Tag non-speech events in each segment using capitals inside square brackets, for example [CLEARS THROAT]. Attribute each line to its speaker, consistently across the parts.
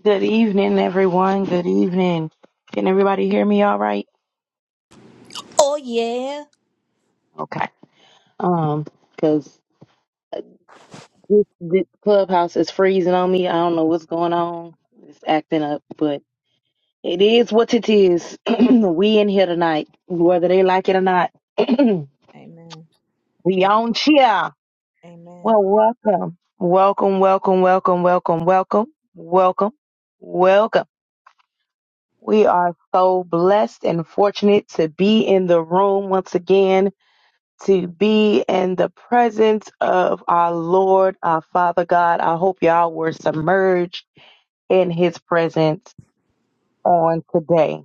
Speaker 1: Good evening, everyone. Good evening. Can everybody hear me all right?
Speaker 2: Oh yeah.
Speaker 1: Okay. Um, cause this, this clubhouse is freezing on me. I don't know what's going on. It's acting up, but it is what it is. [CLEARS THROAT] we in here tonight, whether they like it or not. [CLEARS THROAT] we
Speaker 2: Amen. Uh,
Speaker 1: on here.
Speaker 2: Amen.
Speaker 1: Well, welcome. Welcome, welcome, welcome, welcome, welcome, welcome, welcome. We are so blessed and fortunate to be in the room once again to be in the presence of our Lord, our Father God. I hope y'all were submerged in his presence on today.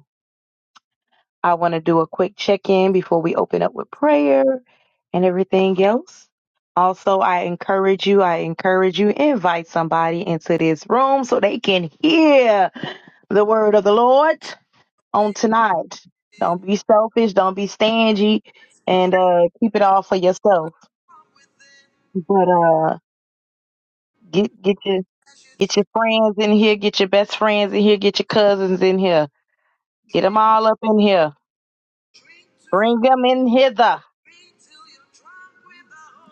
Speaker 1: I want to do a quick check in before we open up with prayer and everything else. Also, I encourage you, I encourage you, invite somebody into this room so they can hear the word of the Lord on tonight. Don't be selfish, don't be stingy, and uh, keep it all for yourself. But uh, Get get your get your friends in here. Get your best friends in here. Get your cousins in here. Get them all up in here. Bring them in hither.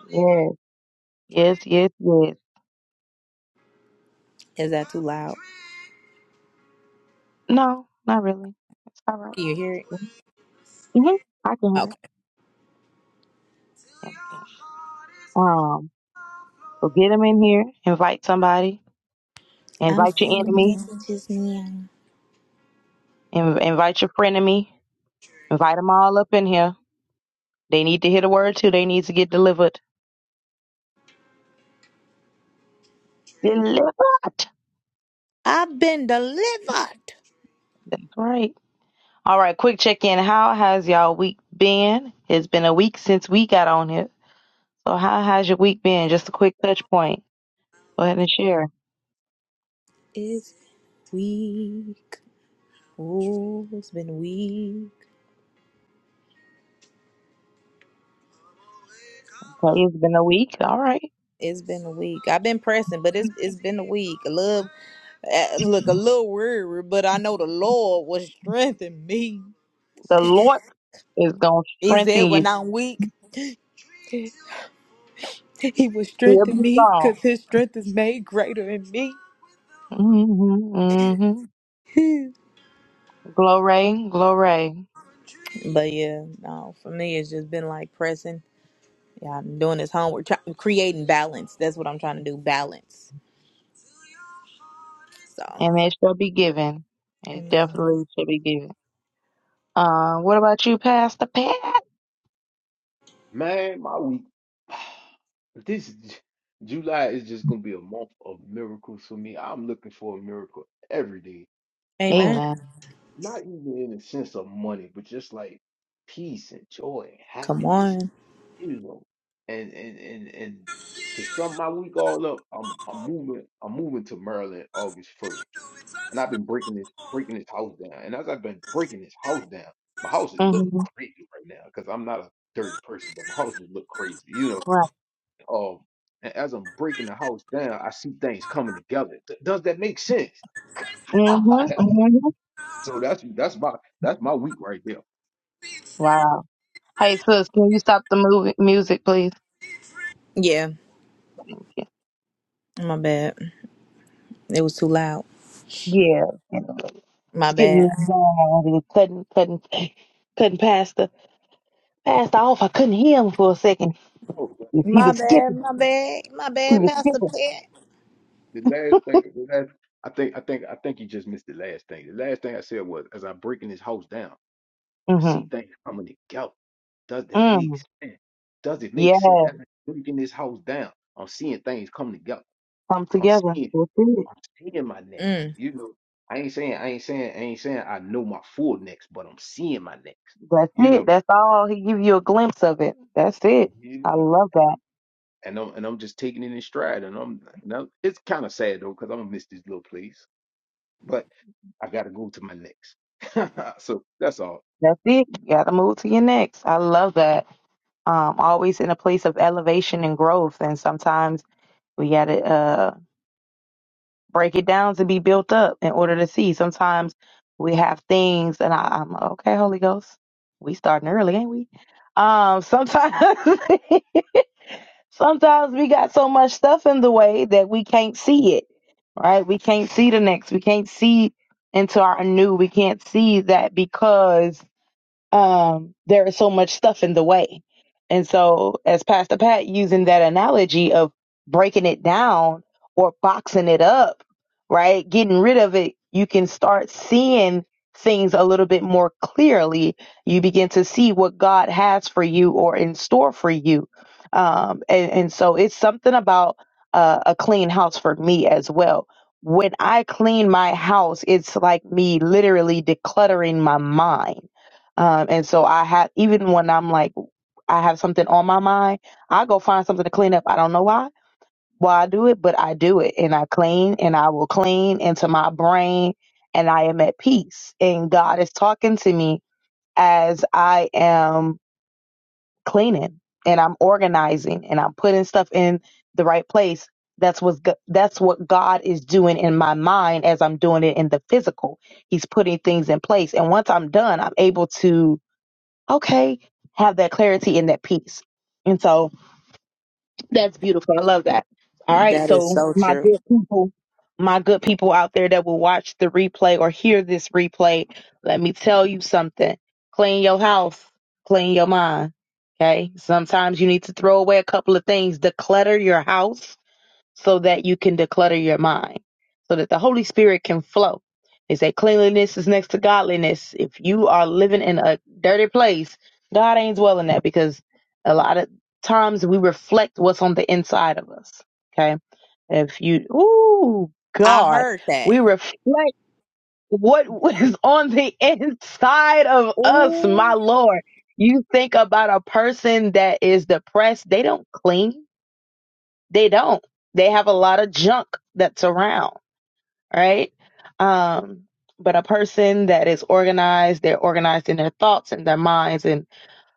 Speaker 1: Yes, yes, yes, yes.
Speaker 2: Is that too loud?
Speaker 1: No, not really. It's all right.
Speaker 2: Can you hear it?
Speaker 1: Mm-hmm. I can hear it.
Speaker 2: Okay.
Speaker 1: Yeah, I can. Um, so get them in here. Invite somebody.
Speaker 2: I'm
Speaker 1: Invite your
Speaker 2: sending
Speaker 1: enemy.
Speaker 2: messages now.
Speaker 1: In- invite your frenemy. Invite them all up in here. They need to hear the word too. They need to get delivered. Delivered.
Speaker 2: I've been delivered.
Speaker 1: That's right. All right, quick check in. How has y'all week been? It's been a week since we got on here. So how has your week been? Just a quick touch point. Go ahead and share.
Speaker 2: It's weak. Oh, it's been weak.
Speaker 1: Okay, it's been a week. All right.
Speaker 2: It's been a week. I've been pressing, but it's it's been a week. A little, eh, look, a little weary, but I know the Lord will strengthen me.
Speaker 1: The
Speaker 2: [LAUGHS]
Speaker 1: Lord is gonna
Speaker 2: He
Speaker 1: strengthen
Speaker 2: said, when
Speaker 1: you.
Speaker 2: I'm weak, [LAUGHS] He will
Speaker 1: He'll
Speaker 2: strengthen
Speaker 1: be
Speaker 2: me, cause
Speaker 1: strong.
Speaker 2: His strength is made greater in me.
Speaker 1: Mm-hmm. Mm-hmm.
Speaker 2: [LAUGHS]
Speaker 1: Glory, glory.
Speaker 2: But yeah, no, for me it's just been like pressing. Yeah, I'm doing this homework, try- creating balance. That's what I'm trying to do, balance. So,
Speaker 1: And it shall be given. It
Speaker 2: amen,
Speaker 1: definitely shall be given. Uh, what about you, Pastor Pat?
Speaker 3: Man, my week. [SIGHS] This J- July is just gonna be a month of miracles for me. I'm looking for a miracle every day.
Speaker 2: amen.
Speaker 3: Um,
Speaker 1: Amen.
Speaker 3: not even in the sense of money, but just like peace and joy and
Speaker 2: Come
Speaker 3: happiness,
Speaker 2: on,
Speaker 3: you know. And and and and to sum my week all up, I'm I'm moving I'm moving to Maryland August 1st and I've been breaking this breaking this house down. And as I've been breaking this house down, my house just look
Speaker 1: Mm-hmm.
Speaker 3: crazy right now because I'm not a dirty person, but my house just look crazy, you know.
Speaker 1: Right.
Speaker 3: Um, and as I'm breaking the house down, I see things coming together. Th- does that make sense?
Speaker 1: Mm-hmm.
Speaker 3: [LAUGHS]
Speaker 1: Mm-hmm.
Speaker 3: so that's that's my that's my week right there.
Speaker 1: Wow. Hey sis, can you stop the movie music, please?
Speaker 2: yeah, my bad. It was too loud.
Speaker 1: Yeah, and
Speaker 2: My
Speaker 1: it's getting a
Speaker 2: bad.
Speaker 1: little loud and cutting, cutting, [SNIFFS] cutting past the past off. I couldn't hear him for a second.
Speaker 3: Oh,
Speaker 1: He he
Speaker 2: My
Speaker 1: was
Speaker 2: bad.
Speaker 1: skipping.
Speaker 2: My bad. My
Speaker 3: but
Speaker 1: He
Speaker 2: bad.
Speaker 3: the,
Speaker 1: was
Speaker 2: Pastor
Speaker 1: skipping.
Speaker 2: Pat.
Speaker 3: the last thing, the last, I think I think I think you just missed the last thing. The last thing I said was as I'm breaking this house down. I see
Speaker 1: Mm-hmm.
Speaker 3: things coming together. Does that make
Speaker 1: Mm.
Speaker 3: sense? Does it
Speaker 1: Yeah,
Speaker 3: make sense? As I'm breaking this house down, I'm seeing things coming together.
Speaker 1: come
Speaker 3: I'm
Speaker 1: together.
Speaker 3: seeing,
Speaker 1: That's it.
Speaker 3: I'm seeing my next.
Speaker 2: Mm,
Speaker 3: You know, I ain't saying, I ain't saying, I ain't saying I know my full next, but I'm seeing my next.
Speaker 1: That's
Speaker 3: You
Speaker 1: it.
Speaker 3: know,
Speaker 1: That's all. He give you a glimpse of it. That's it.
Speaker 3: you
Speaker 1: I
Speaker 3: know.
Speaker 1: love that.
Speaker 3: And I'm and I'm just taking it in stride. And I'm, and I'm it's kind of sad though, because I'm gonna miss this little place. But I gotta go to my next. [LAUGHS] so that's all.
Speaker 1: That's it. You gotta move to your next. I love that. Um, always in a place of elevation and growth, and sometimes we gotta. uh, break it down to be built up in order to see. Sometimes we have things, and I, I'm like, okay, Holy Ghost. We starting early, ain't we? Um, sometimes, [LAUGHS] sometimes we got so much stuff in the way that we can't see it. Right? We can't see the next. We can't see into our new. We can't see that because um, there is so much stuff in the way. And so, as Pastor Pat using that analogy of breaking it down or boxing it up, right? Getting rid of it, you can start seeing things a little bit more clearly. You begin to see what God has for you or in store for you. Um, and, and so, it's something about uh, a clean house for me as well. When I clean my house, it's like me literally decluttering my mind um, and so I have, even when I'm like, I have something on my mind, I go find something to clean up. I don't know why, why I do it, but I do it and I clean and I will clean into my brain and I am at peace. And God is talking to me as I am cleaning and I'm organizing and I'm putting stuff in the right place. That's what, that's what God is doing in my mind as I'm doing it in the physical. He's putting things in place. And once I'm done, I'm able to okay, have that clarity and that peace. And so that's beautiful. I love that. All right.
Speaker 2: that is
Speaker 1: So
Speaker 2: so
Speaker 1: my
Speaker 2: true.
Speaker 1: good people, my good people out there that will watch the replay or hear this replay, let me tell you something. Clean your house, clean your mind. Okay. Sometimes you need to throw away a couple of things, declutter your house so that you can declutter your mind, so that the Holy Spirit can flow. They say cleanliness is next to godliness. If you are living in a dirty place, God ain't dwelling that because a lot of times we reflect what's on the inside of us. Okay. If you, ooh,
Speaker 2: I
Speaker 1: God,
Speaker 2: heard that.
Speaker 1: we reflect what [LAUGHS] is on the inside of us, my
Speaker 2: Ooh,
Speaker 1: Lord. You think about a person that is depressed, they don't clean they don't. They have a lot of junk that's around, right? Um, but a person that is organized, they're organized in their thoughts and their minds. And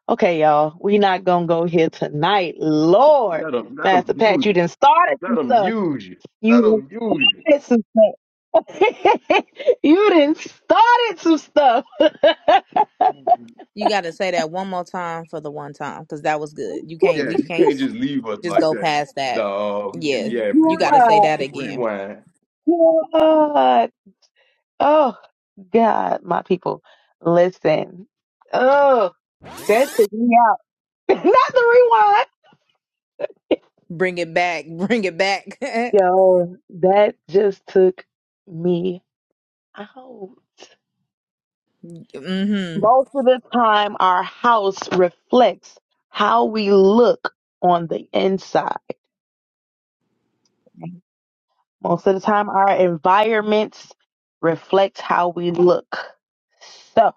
Speaker 1: okay, y'all, we not gonna go here tonight. Lord,
Speaker 3: Let them, let them
Speaker 1: Pastor Pat,
Speaker 3: use
Speaker 1: you
Speaker 3: you.
Speaker 1: didn't start it.
Speaker 3: Let
Speaker 1: some
Speaker 3: them
Speaker 1: stuff.
Speaker 3: use you.
Speaker 1: You
Speaker 3: Let them
Speaker 1: didn't started
Speaker 3: use
Speaker 1: some stuff. [LAUGHS] you didn't started some stuff. [LAUGHS]
Speaker 3: you.
Speaker 2: you got to say that one more time for the one time because that was good. You can't.
Speaker 3: Yeah,
Speaker 2: We
Speaker 3: you
Speaker 2: can't
Speaker 3: can't
Speaker 2: s-
Speaker 3: just leave us
Speaker 2: just
Speaker 3: like
Speaker 2: go
Speaker 3: that.
Speaker 2: past that.
Speaker 3: No,
Speaker 2: Yeah,
Speaker 1: God,
Speaker 3: yeah,
Speaker 2: you got to
Speaker 3: rewind,
Speaker 2: say that again.
Speaker 3: rewind.
Speaker 1: God, oh God, my people, listen. Oh, that's me [LAUGHS] Not the rewind.
Speaker 2: Bring it back. [LAUGHS] Bring it back. [LAUGHS]
Speaker 1: Yo, that just took me out.
Speaker 2: mm-hmm.
Speaker 1: Most of the time, our house reflects how we look on the inside. Most of the time, our environments reflect how we look. So,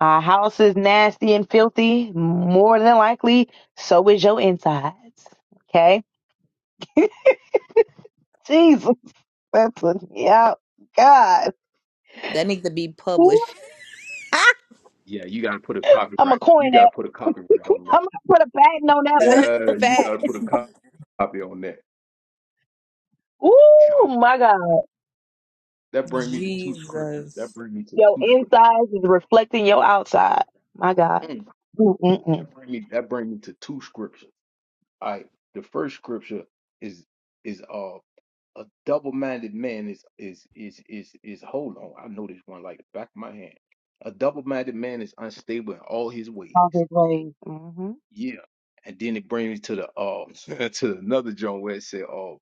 Speaker 1: our house is nasty and filthy. More than likely, so is your insides. Okay? [LAUGHS] Jesus, that took me out. God.
Speaker 2: That needs to be published.
Speaker 3: Yeah, you gotta put a
Speaker 1: I'm a
Speaker 3: copyright. You
Speaker 1: coin
Speaker 3: gotta put a copyright on that.
Speaker 1: I'm gonna put a patent on that one.
Speaker 2: [LAUGHS]
Speaker 3: Yeah, you gotta put
Speaker 2: Facts.
Speaker 3: a co- copy on that. God,
Speaker 1: Ooh, my God.
Speaker 3: That bring me to two scriptures. That
Speaker 2: Jesus.
Speaker 3: bring me to
Speaker 1: Your
Speaker 3: two scriptures.
Speaker 1: insides is reflecting your outside. My God.
Speaker 3: that
Speaker 1: Mm-mm-mm.
Speaker 3: bring me. That bring me to two scriptures. All right, the first scripture is is uh a double-minded man is is is is is hold on. I know this one like the back of my hand. A double-minded man is unstable in all his
Speaker 1: All
Speaker 3: ways.
Speaker 1: his ways. Mm-hmm.
Speaker 3: Yeah. And then it brings me to the uh [LAUGHS] to another joint where it said uh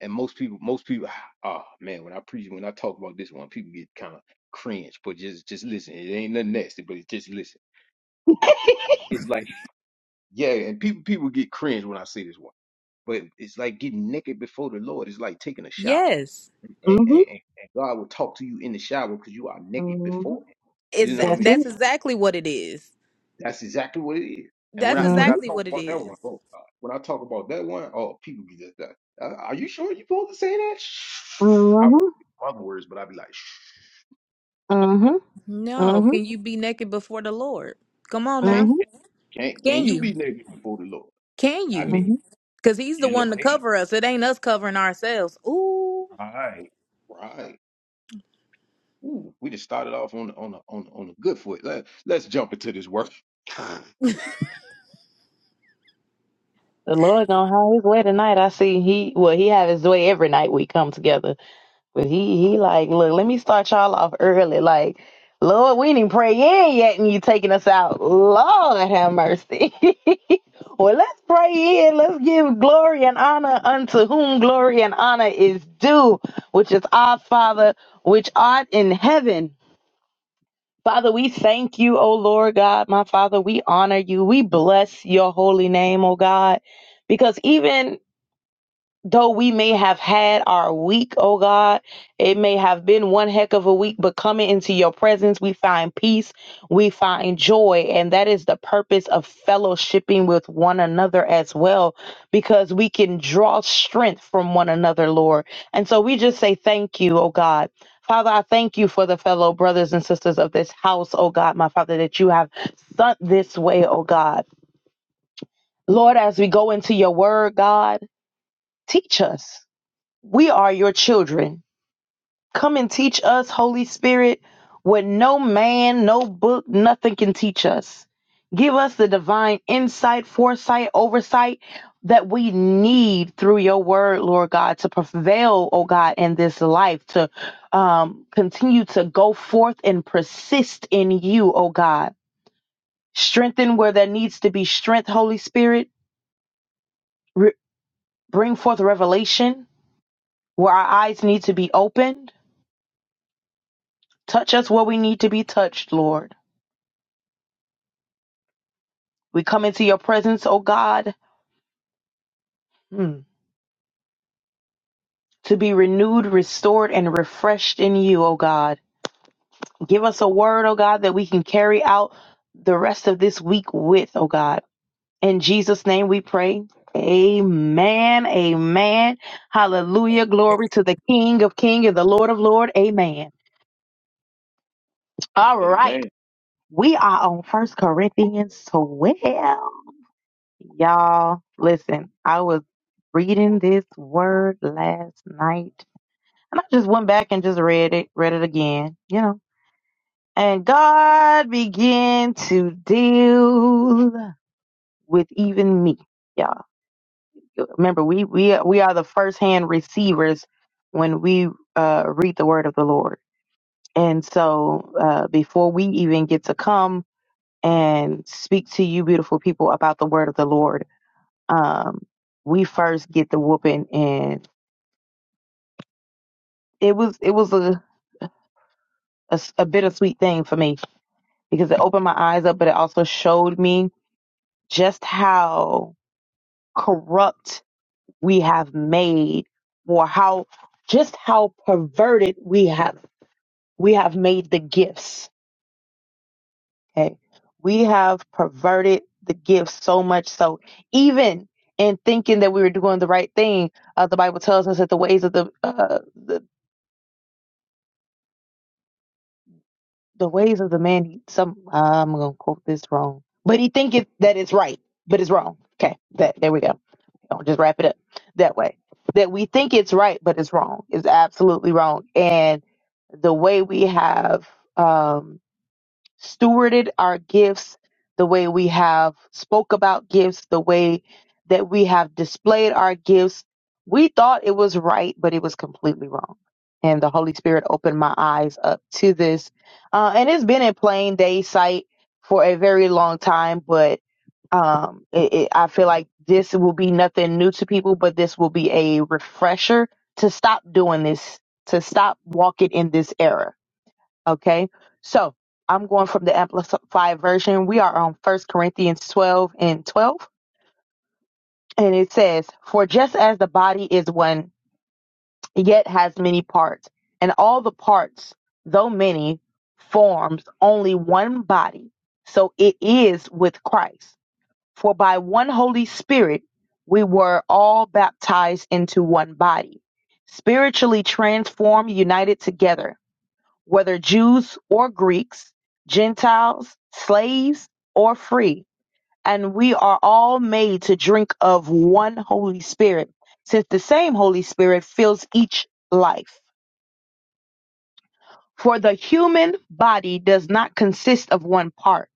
Speaker 3: and most people most people [SIGHS] ah man when I preach when I talk about this one people get kind of cringe but just just listen it ain't nothing nasty but it's just listen it, it's like yeah and people people get cringe when I say this one but it's like getting naked before the Lord it's like taking a shower
Speaker 2: Yes.
Speaker 3: and and,
Speaker 1: Mm-hmm.
Speaker 3: and and God will talk to you in the shower because you are naked
Speaker 1: Mm-hmm.
Speaker 3: before Him you
Speaker 2: Is
Speaker 3: know what I
Speaker 1: That's
Speaker 3: mean
Speaker 1: it.
Speaker 2: that's exactly what it is.
Speaker 3: That's exactly what it is. And when
Speaker 2: That's
Speaker 3: I when
Speaker 1: Mm-hmm.
Speaker 3: I
Speaker 2: exactly
Speaker 3: talk
Speaker 2: what it
Speaker 3: about that one,
Speaker 2: is.
Speaker 3: oh God, when I talk about that one, oh people be just like, uh, are you sure you supposed to say that? I won't
Speaker 1: Mm-hmm.
Speaker 3: say other words, but I'd be like,
Speaker 1: Mm-hmm.
Speaker 2: No,
Speaker 1: Mm-hmm.
Speaker 2: can you be naked before the Lord? Come on now.
Speaker 3: can't
Speaker 1: Mm-hmm.
Speaker 3: can't can
Speaker 2: Can
Speaker 3: you
Speaker 2: you?
Speaker 3: be naked before the Lord?
Speaker 2: Can
Speaker 3: I
Speaker 2: you?
Speaker 3: mean,
Speaker 1: Mm-hmm.
Speaker 2: Because he's the
Speaker 3: you know,
Speaker 2: one to
Speaker 3: hey,
Speaker 2: cover us. It ain't us covering ourselves. Ooh.
Speaker 3: right, right. Ooh, we just started off on on a, on a- on a good foot. Let let's jump into this work. [SIGHS]
Speaker 1: The Lord gonna have his way tonight. I see he well, he have his way every night we come together. But he he like, look, let me start y'all off early. Like, Lord, we didn't even pray in yet, and you taking us out. Lord have mercy. [LAUGHS] well, let's pray in. Let's give glory and honor unto whom glory and honor is due, which is our Father, which art in heaven. Father, we thank you, O Lord God, my Father. We honor you. We bless your holy name, O God, because even though we may have had our week, oh God, it may have been one heck of a week, but coming into your presence, we find peace, we find joy. And that is the purpose of fellowshipping with one another as well, because we can draw strength from one another, Lord. And so we just say thank you, oh God. Father, I thank you for the fellow brothers and sisters of this house, oh God, my Father, that you have sent this way, oh God. Lord, as we go into your word, God, teach us. We are your children. Come and teach us, Holy Spirit, what no man, no book, nothing can teach us. Give us the divine insight, foresight, oversight that we need through your word, Lord God, to prevail, oh God, in this life, to um, continue to go forth and persist in you, oh God. Strengthen where there needs to be strength, Holy Spirit. Re- bring forth revelation where our eyes need to be opened Touch us where we need to be touched, Lord. We come into your presence, O God, hmm, to be renewed, restored, and refreshed in you, O God. Give us a word, O God, that we can carry out the rest of this week with, O God. In Jesus' name we pray. Amen. Amen. Hallelujah. Glory to the King of King and the Lord of Lord. Amen. All right.
Speaker 3: Amen.
Speaker 1: We are on First Corinthians 12. Y'all, listen, I was reading this word last night and I just went back and just read it, read it again, you know. And God began to deal with even me. Y'all, remember we we we are the first-hand receivers when we uh read the word of the Lord. And so uh before we even get to come and speak to you beautiful people about the word of the Lord, um, we first get the whooping, and it was it was a, a s- a bittersweet thing for me because it opened my eyes up, but it also showed me just how corrupt we have made, or how just how perverted we have we have made the gifts. Okay, we have perverted the gifts so much so even in thinking that we were doing the right thing, uh, the Bible tells us that the ways of the uh, the the ways of the man he some i'm gonna quote this wrong but he thinketh that it's right but it's wrong okay that there we go I'll just wrap it up that way that we think it's right but it's wrong it's absolutely wrong and the way we have um stewarded our gifts, the way we have spoke about gifts, the way that we have displayed our gifts. We thought it was right, but it was completely wrong. And the Holy Spirit opened my eyes up to this. Uh, and it's been in plain day sight for a very long time, but um, it, it, I feel like this will be nothing new to people, but this will be a refresher to stop doing this, to stop walking in this error Okay. So I'm going from the Amplified Version. We are on First Corinthians 12 and 12. And it says, For just as the body is one, yet has many parts, and all the parts, though many, forms only one body. So it is with Christ. For by one Holy Spirit, we were all baptized into one body, spiritually transformed, united together whether Jews or Greeks, Gentiles, slaves or free, and we are all made to drink of one Holy Spirit, since the same Holy Spirit fills each life. For the human body does not consist of one part,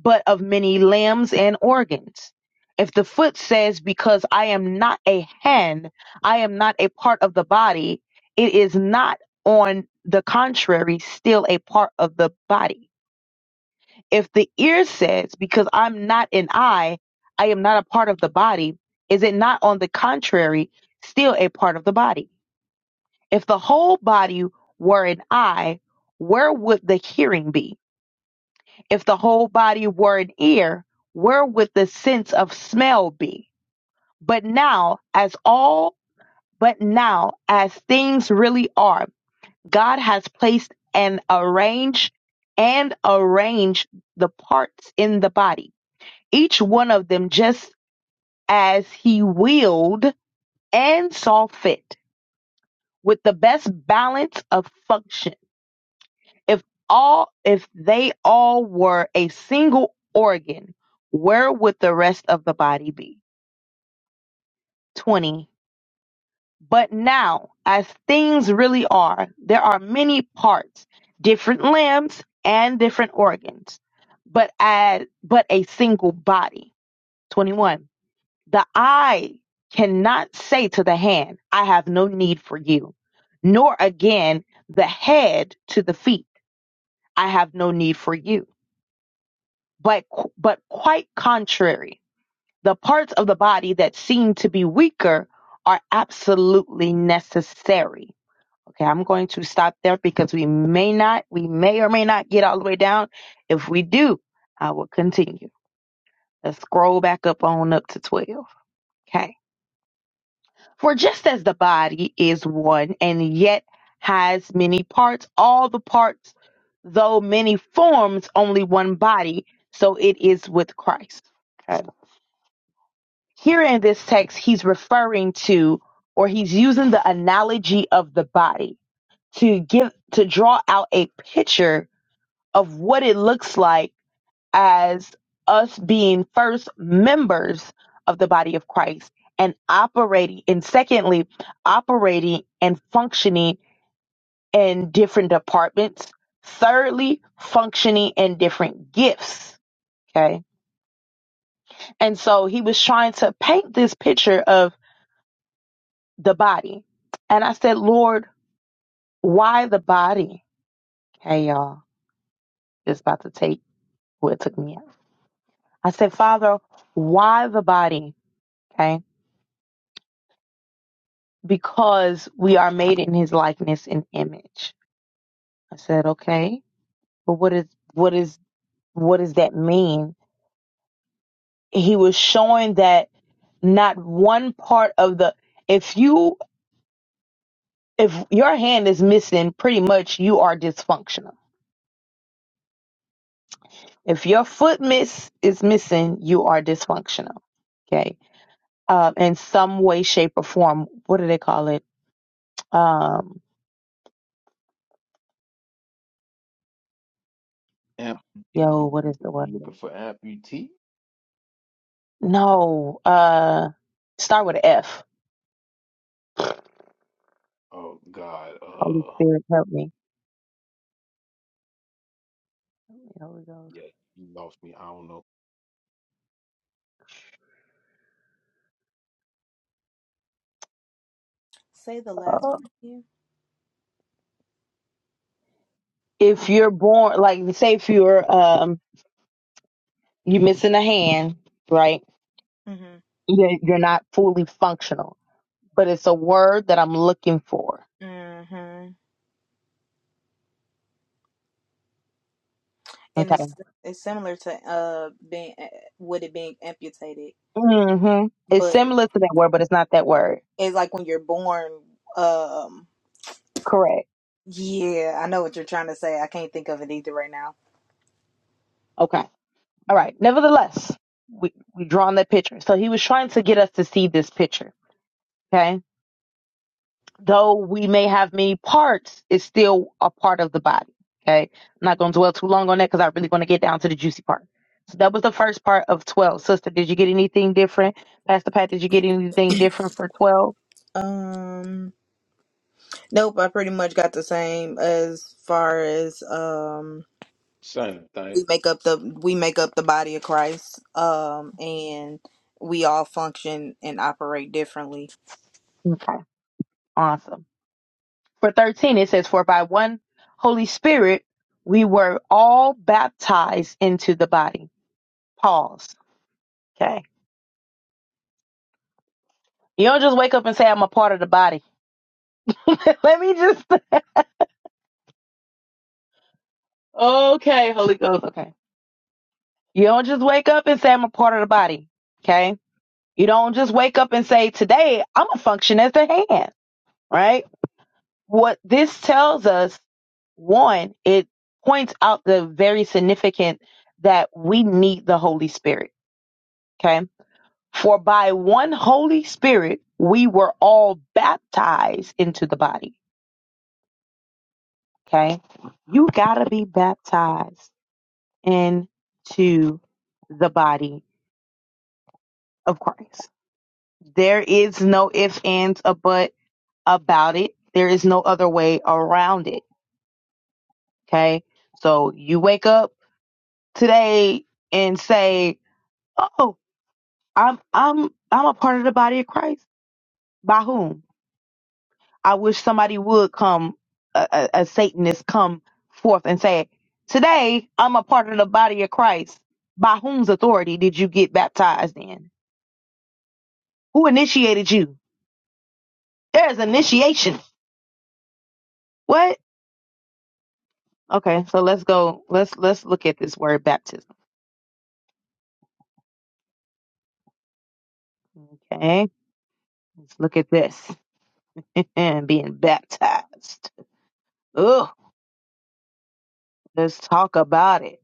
Speaker 1: but of many limbs and organs. If the foot says, Because I am not a hand, I am not a part of the body, it is not, on the contrary, still a part of the body. If the ear says, because I'm not an eye, I am not a part of the body, is it not on the contrary still a part of the body? If the whole body were an eye, where would the hearing be? If the whole body were an ear, where would the sense of smell be? But now, as all, but now, as things really are, God has placed and arranged and arranged the parts in the body each one of them just as he willed and saw fit with the best balance of function if all if they all were a single organ where would the rest of the body be 20 but now as things really are there are many parts different limbs and different organs but as but a single body 21 The eye cannot say to the hand, I have no need for you, nor again the head to the feet, I have no need for you. But, but quite contrary, the parts of the body that seem to be weaker are absolutely necessary. Okay, I'm going to stop there because we may not, we may or may not get all the way down. If we do, I will continue. Let's scroll back up on up to 12. Okay. For just as the body is one and yet has many parts, all the parts, though many forms, only one body, so it is with Christ. Okay. Here in this text, he's referring to or he's using the analogy of the body to give to draw out a picture of what it looks like as us being first members of the body of Christ and operating, and secondly, operating and functioning in different departments. Thirdly, functioning in different gifts. Okay. And so he was trying to paint this picture of the body. And I said, Lord, why the body? Hey, y'all, it's about to take what took me out. I said, Father, why the body? Okay. because we are made in his likeness and image. I said, okay, but what is what is what does that mean? He was showing that not one part of the if you if your hand is missing, pretty much you are dysfunctional. If your foot miss is missing, you are dysfunctional. Okay. Um, in some way, shape, or form. What do they call it? Um, yo,
Speaker 3: Amputee,
Speaker 1: what is the word?
Speaker 3: you looking for amputee?
Speaker 1: No, uh, start with a F
Speaker 3: Oh God,
Speaker 1: Holy
Speaker 3: uh,
Speaker 1: Spirit, help me. Holy Ghost.
Speaker 3: yeah, you lost me. I don't know.
Speaker 2: Say the last
Speaker 1: Uh,
Speaker 2: part again.
Speaker 1: if you're born, like say if you're um you're missing a hand, right? You're, you're not fully functional, but it's a word that I'm looking for.
Speaker 2: Mm-hmm. And
Speaker 1: Okay.
Speaker 2: it's it's similar to uh being uh, with it being amputated.
Speaker 1: Mm-hmm. It's
Speaker 2: but.
Speaker 1: similar to that word, but it's not that word.
Speaker 2: It's like when you're born. Um,
Speaker 1: Correct.
Speaker 2: yeah, I know what you're trying to say. I can't think of it either right now.
Speaker 1: Okay. All right. Nevertheless, we we drawn that picture. So he was trying to get us to see this picture. Okay though we may have many parts, it's still a part of the body. Okay. I'm not going to dwell too long on that because I really want to get down to the juicy part. So that was the first part of 12. Sister, did you get anything different? Pastor Pat, did you get anything different for 12?
Speaker 2: Um, nope. I pretty much got the same as far as um
Speaker 3: Same thing.
Speaker 2: we make up the we make up the body of Christ. Um, and we all function and operate differently.
Speaker 1: Okay. Awesome. for 13 it says for by one holy spirit we were all baptized into the body pause okay you don't just wake up and say i'm a part of the body [LAUGHS] let me just okay holy ghost okay you don't just wake up and say i'm a part of the body okay you don't just wake up and say today i'm a function as the hand right what this tells us one it points out the very significant that we need the holy spirit okay For by one Holy Spirit we were all baptized into the body. Okay? You gotta be baptized into the body of Christ. There is no ifs, ands, or but about it. There is no other way around it. Okay? So you wake up today and say, Oh, I'm I'm I'm a part of the body of Christ. By whom? I wish somebody would come, a, a, a Satanist come forth and say, Today I'm a part of the body of Christ. By whom's authority did you get baptized in? Who initiated you? There's initiation. What? Okay, so let's go. Let's let's look at this word baptism. Okay. Let's look at this. [LAUGHS] And being baptized. Ugh. Let's talk about it.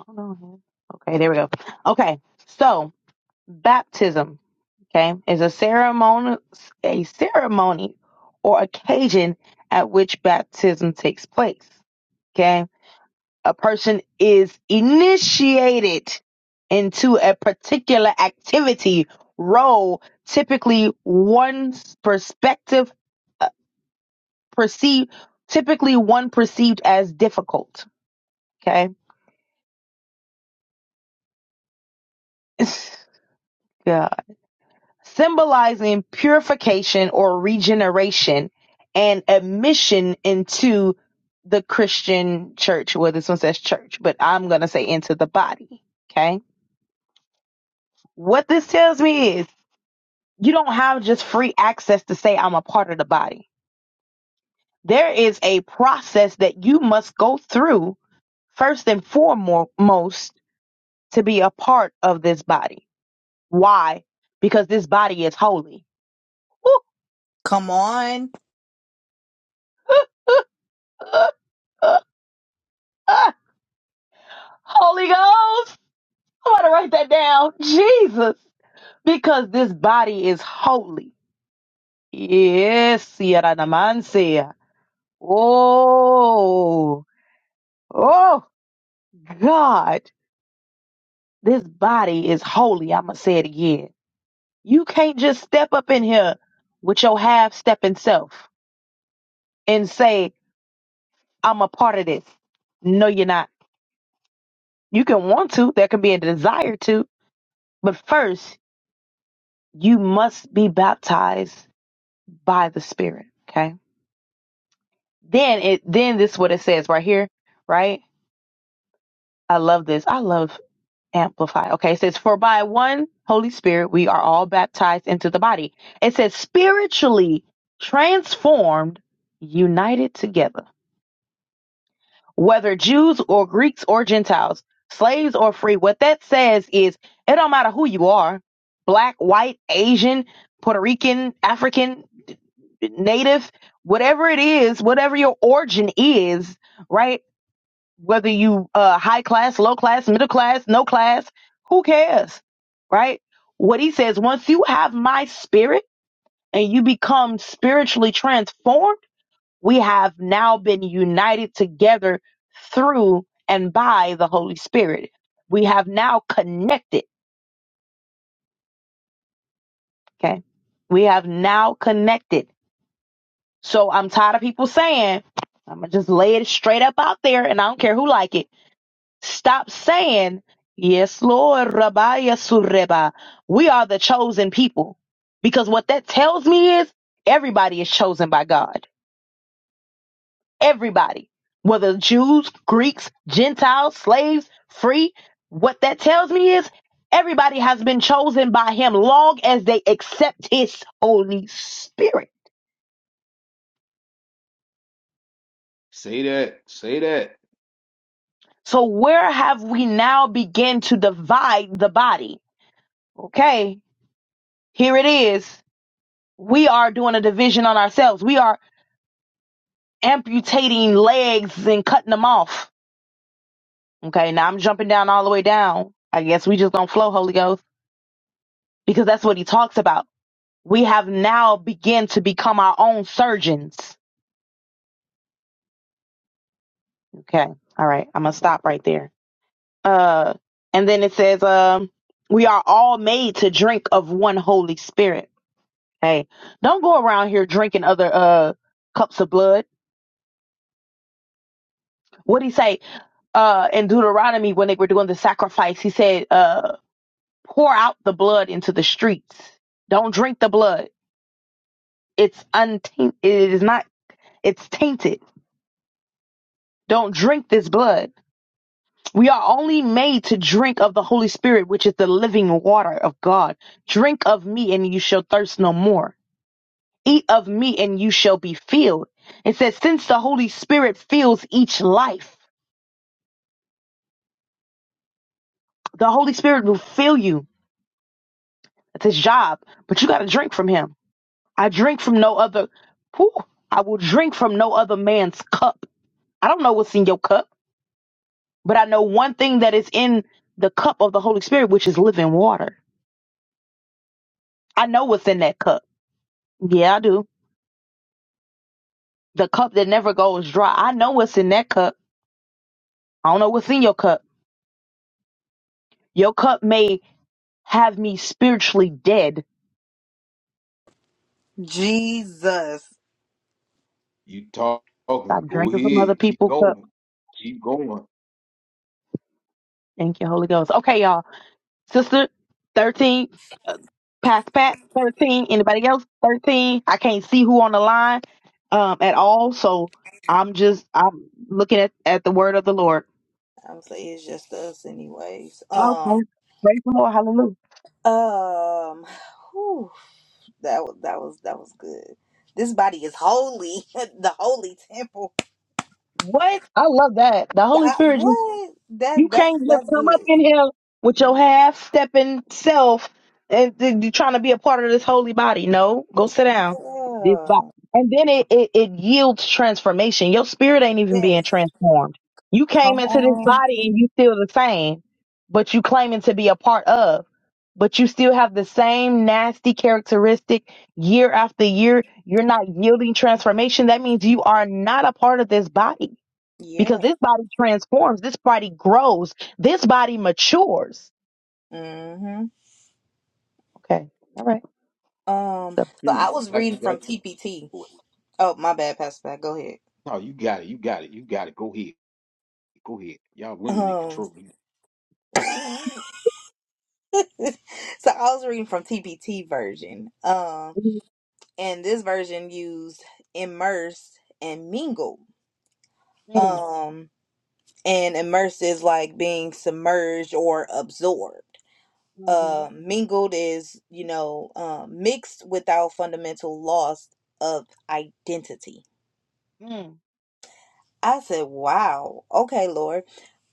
Speaker 1: Hold on. here. Okay, there we go. Okay. So baptism. okay, is a ceremony, a ceremony or occasion at which baptism takes place. Okay, a person is initiated into a particular activity role, typically one's perspective uh, perceived, typically one perceived as difficult. Okay, [LAUGHS] [SIGHS] God. symbolizing purification or regeneration and admission into the Christian church. Well, this one says church, but I'm going to say into the body. Okay. What this tells me is you don't have just free access to say, I'm a part of the body. There is a process that you must go through first and foremost to be a part of this body. Why? Because this body is holy.
Speaker 2: Come on,
Speaker 1: [LAUGHS] Holy Ghost! I want to write that down. Jesus. Because this body is holy. Yes, Sierra Namansia. Oh, oh, God. This body is holy. I'm going to say it again. You can't just step up in here with your half stepping self and say, I'm a part of this. No, you're not. You can want to, there can be a desire to, but first, you must be baptized by the Spirit. Okay Then it then this is what it says right here, right? I love this. I love amplify. Okay, it says for by one Holy Spirit we are all baptized into the body. It says spiritually transformed, united together. Whether Jews or Greeks or Gentiles, slaves or free, what that says is it don't matter who you are, black, white, Asian, Puerto Rican, African, native, whatever it is, whatever your origin is, right? whether you uh high class, low class, middle class, no class, who cares? Right? What he says, once you have my spirit and you become spiritually transformed, we have now been united together through and by the Holy Spirit. We have now connected, okay? We have now connected. So I'm tired of people saying, I'm going to just lay it straight up out there and I don't care who like it Stop saying, Yes, Lord, Rabbiya Sureba. We are the chosen people. Because what that tells me is everybody is chosen by God. Everybody. Whether Jews, Greeks, Gentiles, slaves, free. What that tells me is everybody has been chosen by Him long as they accept His Holy Spirit.
Speaker 3: Say that. Say that.
Speaker 1: So where have we now begin to divide the body? Okay, here it is. We are doing a division on ourselves. We are amputating legs and cutting them off. Okay, now I'm jumping down all the way down. I guess we just gonna flow, Holy Ghost, because that's what he talks about. We have now begun to become our own surgeons. Okay, all right, I'm gonna stop right there. Uh, and then it says, um, we are all made to drink of one Holy Spirit. Hey, don't go around here drinking other uh cups of blood. What do he say? uh, in Deuteronomy when they were doing the sacrifice, he said, uh, pour out the blood into the streets. Don't drink the blood. It's untainted. It is not, it's tainted. Don't drink this blood. We are only made to drink of the Holy Spirit, which is the living water of God. Drink of me and you shall thirst no more. Eat of me and you shall be filled. It says, since the Holy Spirit fills each life, the Holy Spirit will fill you. That's his job, but you got to drink from him. I drink from no other. Whew, I will drink from no other man's cup. I don't know what's in your cup, but I know one thing that is in the cup of the Holy Spirit, which is living water. I know what's in that cup. Yeah, I do. The cup that never goes dry. I know what's in that cup. I don't know what's in your cup. Your cup may have me spiritually dead.
Speaker 2: Jesus.
Speaker 3: You talk-
Speaker 1: Stop
Speaker 3: talking. Go
Speaker 1: drinking from other
Speaker 3: ahead. Keep
Speaker 1: people's cup.
Speaker 3: going. Keep going.
Speaker 1: Thank you, Holy Ghost. Okay, y'all. Sister, 13. Uh, Past Pat, 13. Anybody else? 13. I can't see who on the line um, at all. So I'm just, I'm looking at, at the word of the Lord.
Speaker 2: I'm say it's just us, anyways.
Speaker 1: Oh,
Speaker 2: Um,
Speaker 1: praise praise the Lord. Hallelujah.
Speaker 2: um. That was that was that was good. This body is holy, [LAUGHS] the holy temple.
Speaker 1: What? I love that. The Holy
Speaker 2: God,
Speaker 1: Spirit just
Speaker 2: what?
Speaker 1: You
Speaker 2: That that
Speaker 1: can't just
Speaker 2: that's
Speaker 1: come up
Speaker 2: good.
Speaker 1: in here with your half stepping self and th- you trying to be a part of this holy body. No, go sit down. This
Speaker 2: Yeah.
Speaker 1: body. And then it, it, it yields transformation. Your spirit ain't even being
Speaker 2: Yes.
Speaker 1: transformed. You came
Speaker 2: Come
Speaker 1: into this
Speaker 2: on.
Speaker 1: body and you still the same, but you claiming to be a part of. But you still have the same nasty characteristic year after year. You're not yielding transformation. That means you are not a part of this body
Speaker 2: Yeah.
Speaker 1: because this body transforms, this body grows, this body matures.
Speaker 2: Mhm.
Speaker 1: Okay, all right, let's
Speaker 2: Um.
Speaker 1: go.
Speaker 2: So
Speaker 3: Hmm.
Speaker 2: I was
Speaker 3: Got you.
Speaker 2: reading
Speaker 3: Got
Speaker 2: from
Speaker 3: you.
Speaker 2: TPT.
Speaker 3: Boy.
Speaker 2: Oh, my bad, Pastor. Pat. Go ahead.
Speaker 3: No, you got it. You got it. You got it. Go ahead. Go ahead. Y'all women in
Speaker 2: Um. [LAUGHS]
Speaker 3: control.
Speaker 2: so I was reading from TPT version. Um. And this version used immersed and mingle.
Speaker 1: Mm-hmm.
Speaker 2: Um. and immersed is like being submerged or absorbed.
Speaker 1: Mm-hmm.
Speaker 2: Uh, mingled is, you know, um, mixed without fundamental loss of identity.
Speaker 1: Mm.
Speaker 2: I said, "Wow, okay, Lord."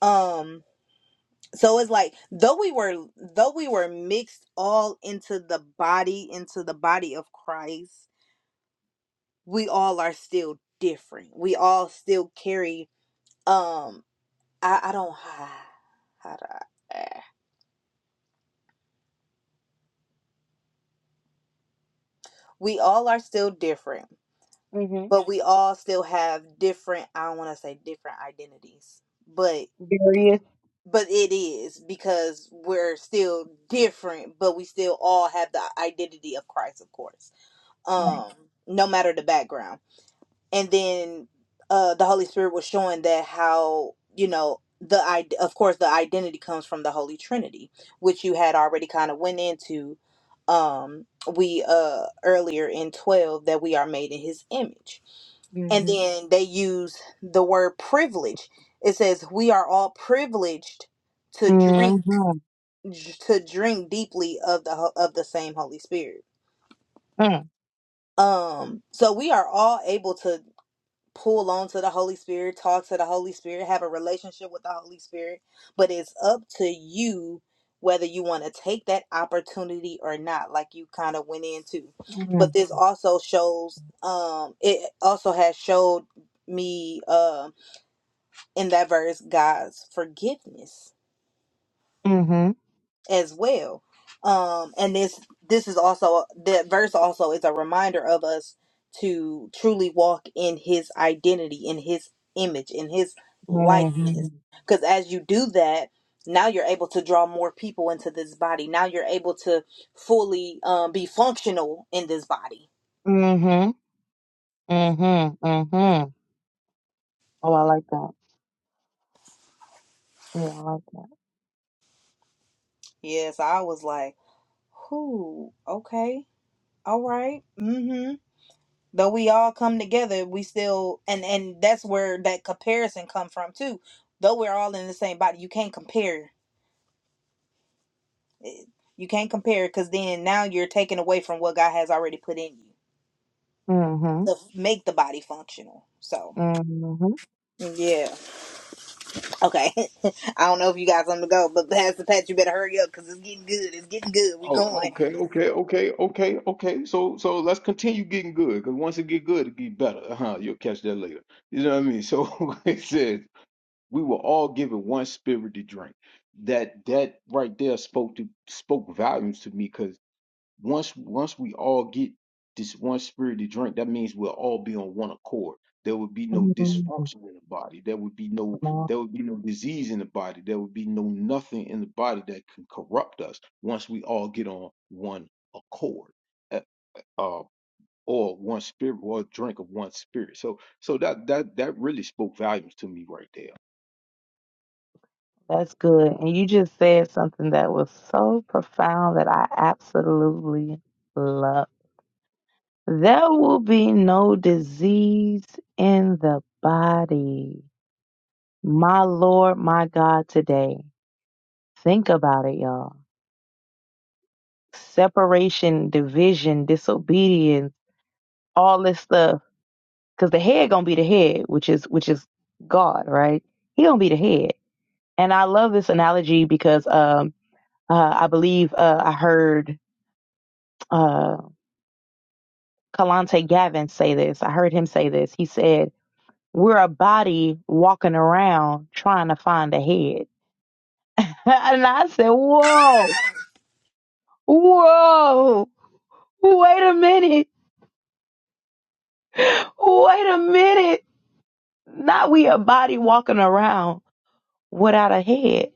Speaker 2: Um, so it's like though we were though we were mixed all into the body into the body of Christ, we all are still different. We all still carry. Um, I I don't. [SIGHS] How do I? we all are still different,
Speaker 1: Mm-hmm.
Speaker 2: but we all still have different, I don't want to say different identities, but
Speaker 1: Various.
Speaker 2: but it is because we're still different, but we still all have the identity of Christ, of course.
Speaker 1: Right.
Speaker 2: Um no matter the background and then uh the holy spirit was showing that how you know the i of course the identity comes from the holy trinity which you had already kind of went into um we uh earlier in 12 that we are made in his image and
Speaker 1: Mm-hmm.
Speaker 2: then they use the word privilege it says we are all privileged to drink
Speaker 1: Mm-hmm.
Speaker 2: to drink deeply of the ho- of the same holy spirit
Speaker 1: Mm.
Speaker 2: um so we are all able to pull on to the Holy Spirit, talk to the Holy Spirit, have a relationship with the Holy Spirit. But it's up to you whether you want to take that opportunity or not, like you kind of went into.
Speaker 1: Mm-hmm.
Speaker 2: But this also shows, um, it also has showed me uh, in that verse God's forgiveness
Speaker 1: Mm-hmm.
Speaker 2: as well. Um, and this this is also the verse also is a reminder of us to truly walk in His identity, in His image, in His
Speaker 1: Mm-hmm.
Speaker 2: likeness. Because as you do that, now you're able to draw more people into this body. Now you're able to fully um, be functional in this body.
Speaker 1: Mm-hmm. Mm-hmm. Mm-hmm. Oh, I like that. Yeah, I like that.
Speaker 2: Yes, I was like, whoo, okay, all right, Hmm. Though we all come together, we still and and that's where that comparison come from too. Though we're all in the same body, you can't compare. it. You can't compare because then now you're taking away from what God has already put in you
Speaker 1: Mm-hmm.
Speaker 2: to make the body functional. So
Speaker 1: Mm-hmm.
Speaker 2: yeah, okay. [LAUGHS] I don't know if you got something to go, but Pastor Pat, you better hurry up because it's getting good. It's getting good. We
Speaker 3: Oh,
Speaker 2: going.
Speaker 3: okay, okay, okay, okay, okay. So, so let's continue getting good. Because once it get good, it get better. Uh-huh. You'll catch that later. You know what I mean? So [LAUGHS] it says we were all given one spirit to drink. That that right there spoke to spoke volumes to me. Cause once once we all get this one spirit to drink, that means we'll all be on one accord. There would be no
Speaker 1: mm-hmm.
Speaker 3: dysfunction in the body. There would be no
Speaker 1: Come on.
Speaker 3: there would be no disease in the body. There would be no nothing in the body that can corrupt us once we all get on one accord. Uh, uh, or one spirit or drink of one spirit. So so that that that really spoke volumes to me right there.
Speaker 1: That's good. And you just said something that was so profound that I absolutely love. There will be no disease in the body. My Lord, my God, today. Think about it, y'all. Separation, division, disobedience, all this stuff. Cause the head gonna be the head, which is which is God, right? He gonna be the head. And I love this analogy because um uh, I believe uh, I heard uh Kalante Gavin say this. I heard him say this. He said We're a body walking around trying to find a head. [LAUGHS] and I said, Whoa, whoa, wait a minute, wait a minute. Not we a body walking around without a head.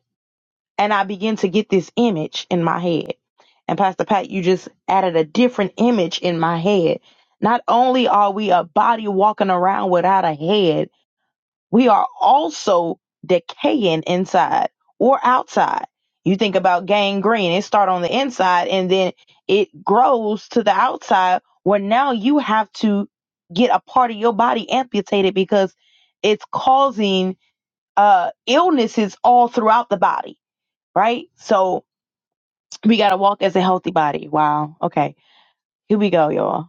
Speaker 1: And I begin to get this image in my head. And Pastor Pat, you just added a different image in my head. Not only are we a body walking around without a head, we are also decaying inside or outside. You think about gangrene, it start on the inside and then it grows to the outside where now you have to get a part of your body amputated because it's causing uh illnesses all throughout the body, right? So we gotta walk as a healthy body. Wow. Okay. Here we go, y'all.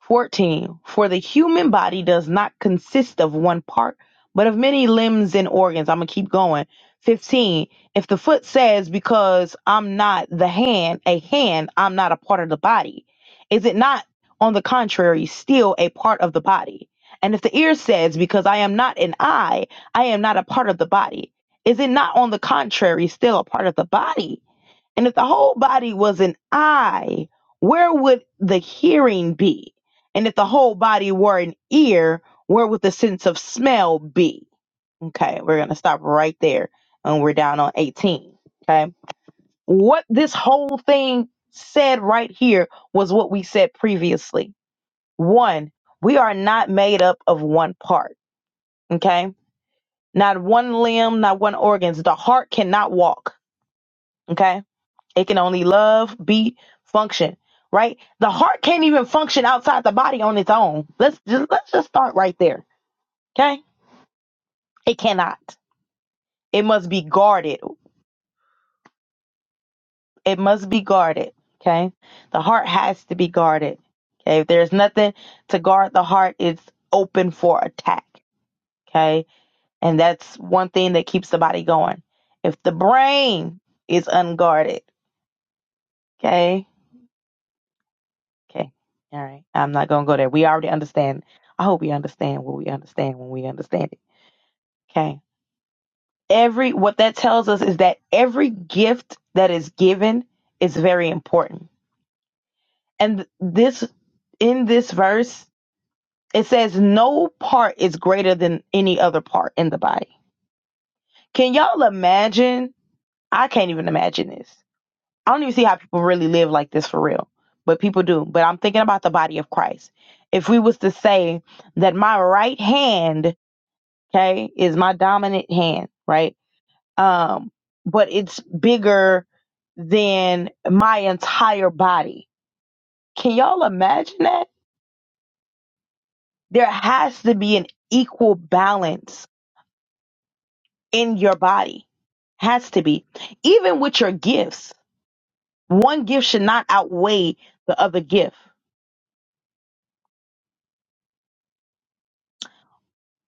Speaker 1: 14. For the human body does not consist of one part, but of many limbs and organs. I'm going to keep going. 15. If the foot says, Because I'm not the hand, a hand, I'm not a part of the body, is it not, on the contrary, still a part of the body? And if the ear says, Because I am not an eye, I am not a part of the body, is it not, on the contrary, still a part of the body? And if the whole body was an eye, where would the hearing be? And if the whole body were an ear, where would the sense of smell be? Okay, we're going to stop right there. And we're down on 18. Okay. What this whole thing said right here was what we said previously. One, we are not made up of one part. Okay. Not one limb, not one organ. The heart cannot walk. Okay It can only love, beat, function, right? The heart can't even function outside the body on its own. Let's just let's just start right there. Okay? It cannot. It must be guarded. It must be guarded. Okay? The heart has to be guarded. Okay? If there's nothing to guard the heart, it's open for attack. Okay? And that's one thing that keeps the body going. If the brain is unguarded, okay? Okay. All right. I'm not going to go there. We already understand. I hope we understand what we understand when we understand it. Okay. Every, what that tells us is that every gift that is given is very important. And this, in this verse, it says no part is greater than any other part in the body. Can y'all imagine? I can't even imagine this. I don't even see how people really live like this for real, but people do. But I'm thinking about the body of Christ. If we was to say that my right hand okay is my dominant hand right um but it's bigger than my entire body can y'all imagine that there has to be an equal balance in your body has to be even with your gifts one gift should not outweigh the other gift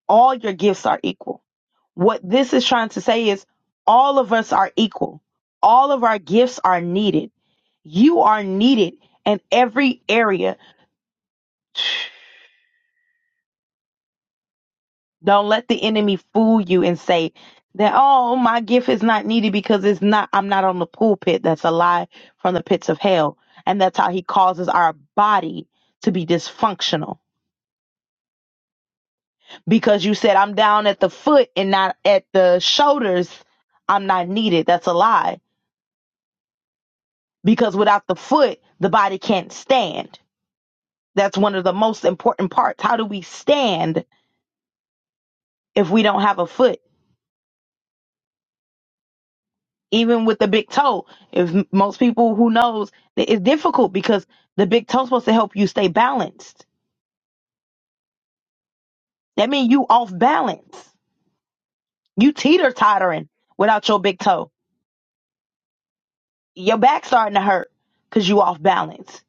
Speaker 1: all your gifts are equal. What this is trying to say is all of us are equal. All of our gifts are needed. You are needed in every area. [SIGHS] Don't let the enemy fool you and say that, oh, my gift is not needed because it's not, I'm not on the pulpit. That's a lie from the pits of hell. And that's how he causes our body to be dysfunctional because you said, I'm down at the foot and not at the shoulders. I'm not needed. That's a lie because without the foot, the body can't stand. That's one of the most important parts. How do we stand if we don't have a foot? Even with the big toe, if m- most people who knows that it's difficult because the big toe supposed to help you stay balanced. That means you off balance. You teeter tottering without your big toe. Your back starting to hurt because you off balance.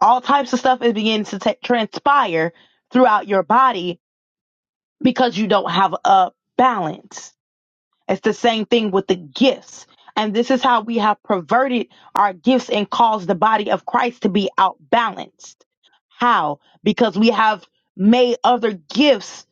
Speaker 1: All types of stuff is beginning to t- transpire throughout your body because you don't have a balance It's the same thing with the gifts. And this is how we have perverted our gifts and caused the body of Christ to be outbalanced. How? Because we have made other gifts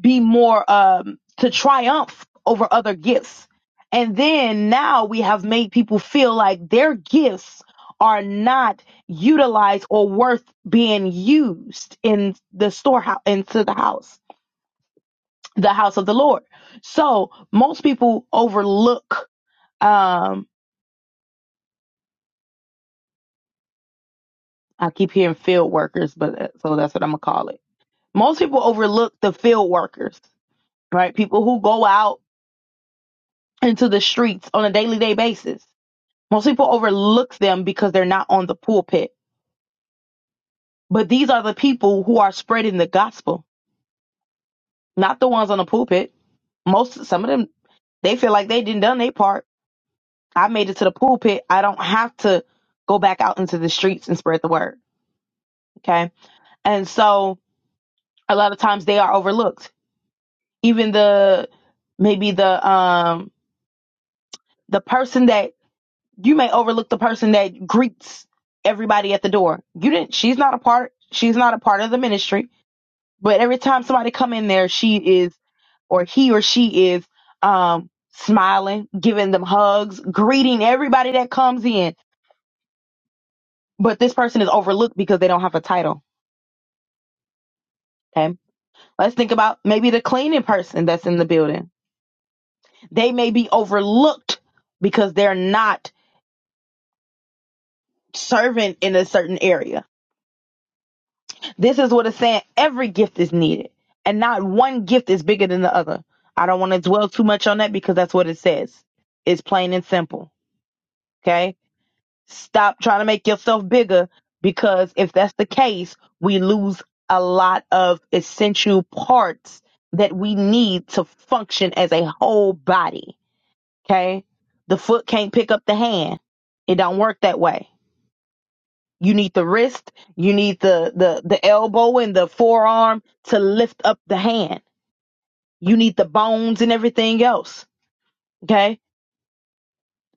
Speaker 1: be more um, to triumph over other gifts. And then now we have made people feel like their gifts are not utilized or worth being used in the storehouse, into the house, the house of the Lord. So most people overlook um, I keep hearing field workers, but uh, so that's what I'm gonna call it. Most people overlook the field workers, right? People who go out into the streets on a daily day basis. Most people overlook them because they're not on the pulpit. But these are the people who are spreading the gospel, not the ones on the pulpit. Most some of them they feel like they didn't done their part. I made it to the pulpit. I don't have to go back out into the streets and spread the word. Okay. And so a lot of times they are overlooked even the maybe the um the person that you may overlook the person that greets everybody at the door you didn't she's not a part she's not a part of the ministry but every time somebody come in there she is or he or she is um smiling giving them hugs greeting everybody that comes in but this person is overlooked because they don't have a title okay let's think about maybe the cleaning person that's in the building they may be overlooked because they're not servant in a certain area. This is what it's saying. Every gift is needed, and not one gift is bigger than the other. I don't want to dwell too much on that because that's what it says. It's plain and simple. Okay. Stop trying to make yourself bigger because if that's the case, we lose a lot of essential parts that we need to function as a whole body. Okay. The foot can't pick up the hand. It don't work that way. You need the wrist, you need the, the, the elbow and the forearm to lift up the hand. You need the bones and everything else. Okay?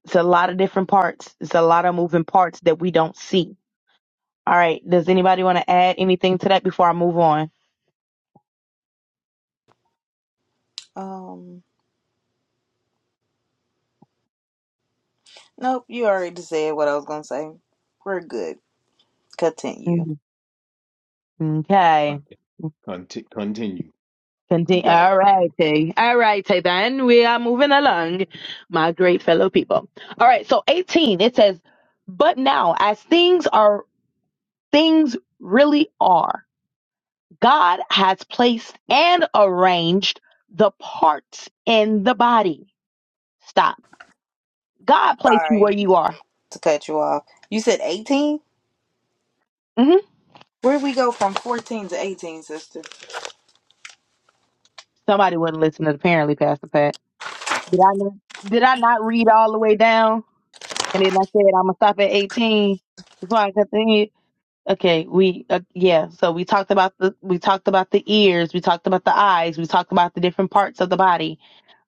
Speaker 1: It's a lot of different parts. It's a lot of moving parts that we don't see. All right. Does anybody want to add anything to that before I move on?
Speaker 2: Um, nope. You already said what I was gonna say. We're good. Continue.
Speaker 1: Mhm. Okay.
Speaker 3: Conti- conti- Continue. You
Speaker 1: Continue.
Speaker 3: got it.
Speaker 1: All righty. All righty then. We are moving along, my great fellow people. All right. So 18, it says, but now as things are, things really are. God has placed and arranged the parts in the body. Stop. God placed you where
Speaker 2: Sorry
Speaker 1: you are.
Speaker 2: to cut you off. You said eighteen.
Speaker 1: hmm
Speaker 2: Where we go from 14 to 18, sister?
Speaker 1: Somebody wasn't listening, apparently, Pastor Pat. Did I not, did I not read all the way down? And then I said I'm gonna stop at 18 before I continue. Okay, we uh, yeah. So we talked about the we talked about the ears, we talked about the eyes, we talked about the different parts of the body.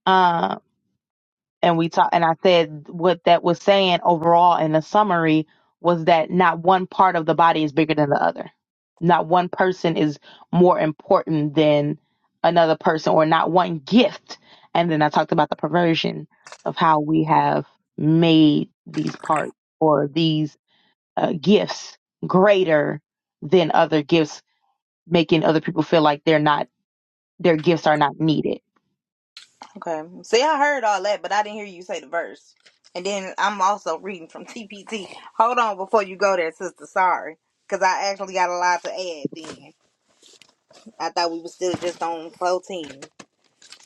Speaker 1: Um, and we talked and I said what that was saying overall in the summary was that not one part of the body is bigger than the other. Not one person is more important than another person or not one gift. And then I talked about the perversion of how we have made these parts or these uh, gifts greater than other gifts, making other people feel like they're not their gifts are not needed.
Speaker 2: Okay. See, I heard all that, but I didn't hear you say the verse. And then I'm also reading from [LAUGHS] TPT. Hold on before you go there, sister. Sorry. Because I actually got a lot to add then. I thought we were still just on 14.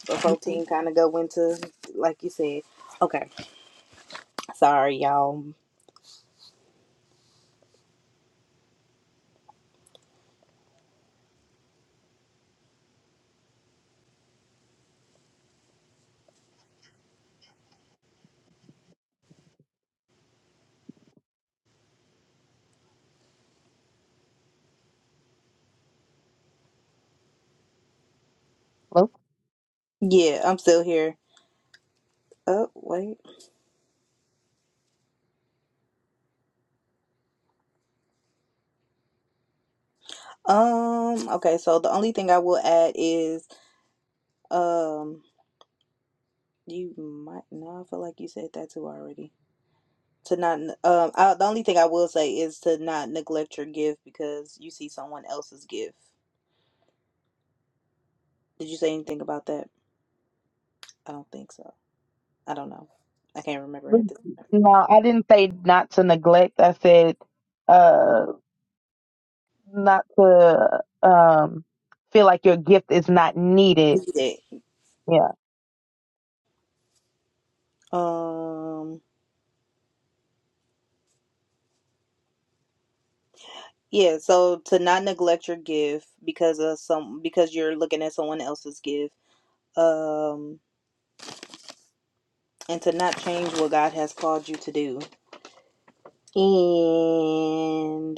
Speaker 2: But
Speaker 1: Mm-mm.
Speaker 2: 14 kind of go into, like you said. Okay. Sorry, y'all.
Speaker 1: Well,
Speaker 2: Yeah, I'm still here. Oh, wait. Um, okay. So the only thing I will add is, um, you might, no, I feel like you said that too already. to not n- um I, the only thing I will say is to not neglect your gift because you see someone else's gift. Did you say anything about that? I don't think so. I don't know. I can't remember
Speaker 1: [LAUGHS]
Speaker 2: at this time.
Speaker 1: No, I didn't say not to neglect. I said, uh, not to um feel like your gift is not needed.
Speaker 2: We did.
Speaker 1: Yeah.
Speaker 2: Um yeah, so to not neglect your gift because of some because you're looking at someone else's gift. Um and to not change what God has called you to do. And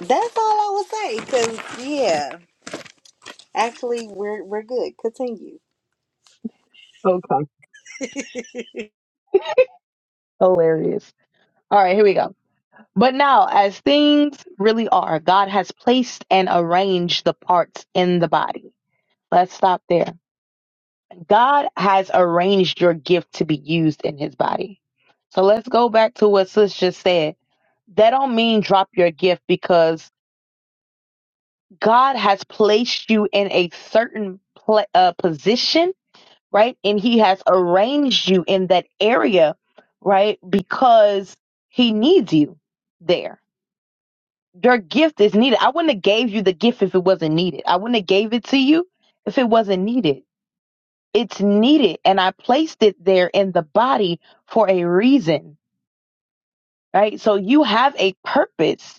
Speaker 2: that's all I would say cuz yeah, actually we're we're good. Continue.
Speaker 1: Okay. Hilarious. All right, here we go. But now, as things really are, God has placed and arranged the parts in the body. Let's stop there. God has arranged your gift to be used in his body. So let's go back to what Sis just said. That don't mean drop your gift because God has placed you in a certain pla uh, position right? And he has arranged you in that area, right? Because he needs you there. Your gift is needed. I wouldn't have gave you the gift if it wasn't needed. I wouldn't have gave it to you if it wasn't needed. It's needed and I placed it there in the body for a reason, right? So you have a purpose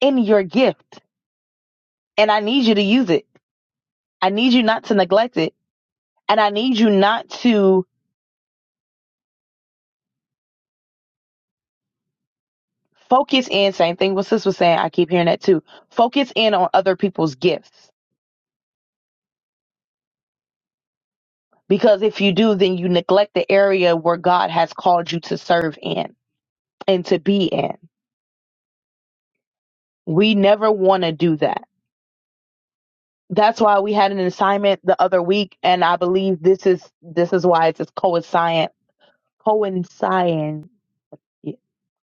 Speaker 1: in your gift and I need you to use it. I need you not to neglect it and I need you not to focus in same thing what sis was saying i keep hearing that too focus in on other people's gifts because if you do then you neglect the area where god has called you to serve in and to be in we never want to do that that's why we had an assignment the other week and i believe this is this is why it's coincident coinciding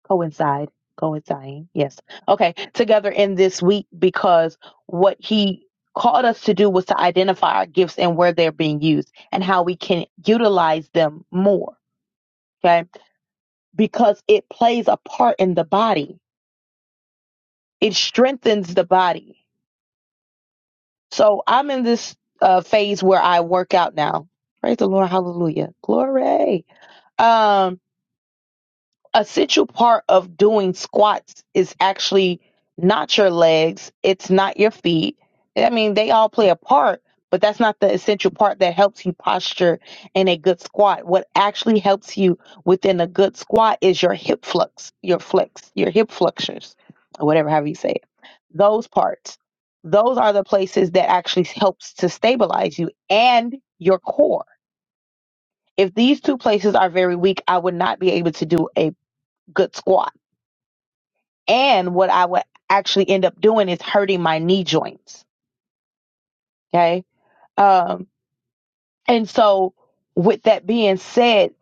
Speaker 1: coincide coinciding yes okay together in this week because what he called us to do was to identify our gifts and where they're being used and how we can utilize them more okay because it plays a part in the body it strengthens the body so i'm in this uh, phase where i work out now praise the lord hallelujah glory um essential part of doing squats is actually not your legs, it's not your feet. I mean, they all play a part, but that's not the essential part that helps you posture in a good squat. What actually helps you within a good squat is your hip flux, your flex, your hip flexors, or whatever, however you say it. Those parts, those are the places that actually helps to stabilize you and your core. If these two places are very weak, I would not be able to do a good squat and what I would actually end up doing is hurting my knee joints. Okay. Um, and so with that being said,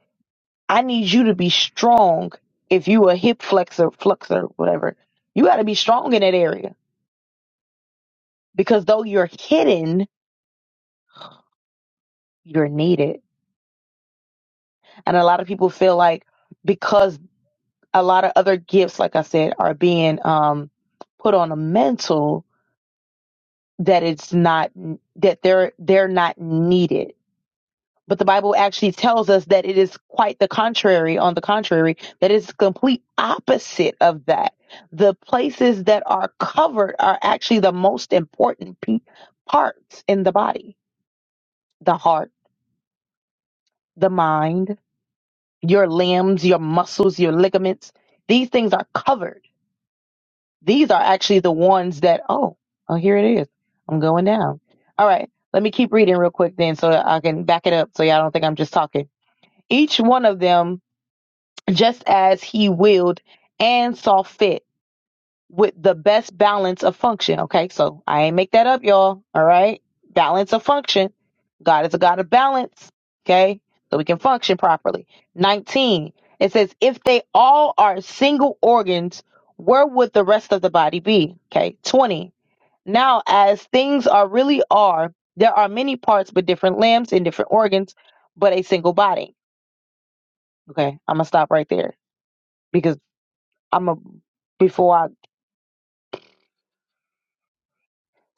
Speaker 1: I need you to be strong. If you a hip flexor, flexor, whatever, you got to be strong in that area because though you're hidden, you're needed. And a lot of people feel like because a lot of other gifts, like I said, are being, um, put on a mental that it's not, that they're, they're not needed But the Bible actually tells us that it is quite the contrary, on the contrary, that it's complete opposite of that. The places that are covered are actually the most important pe- parts in the body the heart, the mind, your limbs, your muscles, your ligaments. These things are covered. These are actually the ones that, oh, oh, here it is. I'm going down. All right. Let me keep reading real quick then so that I can back it up so y'all don't think I'm just talking. Each one of them just as he willed and saw fit with the best balance of function. Okay, so I ain't make that up, y'all. All right, balance of function. God is a God of balance. Okay, so we can function properly. 19, it says, if they all are single organs, where would the rest of the body be? Okay, 20. Now, as things are really are, there are many parts, but different limbs and different organs, but a single body. Okay, I'm gonna stop right there because I'm a before I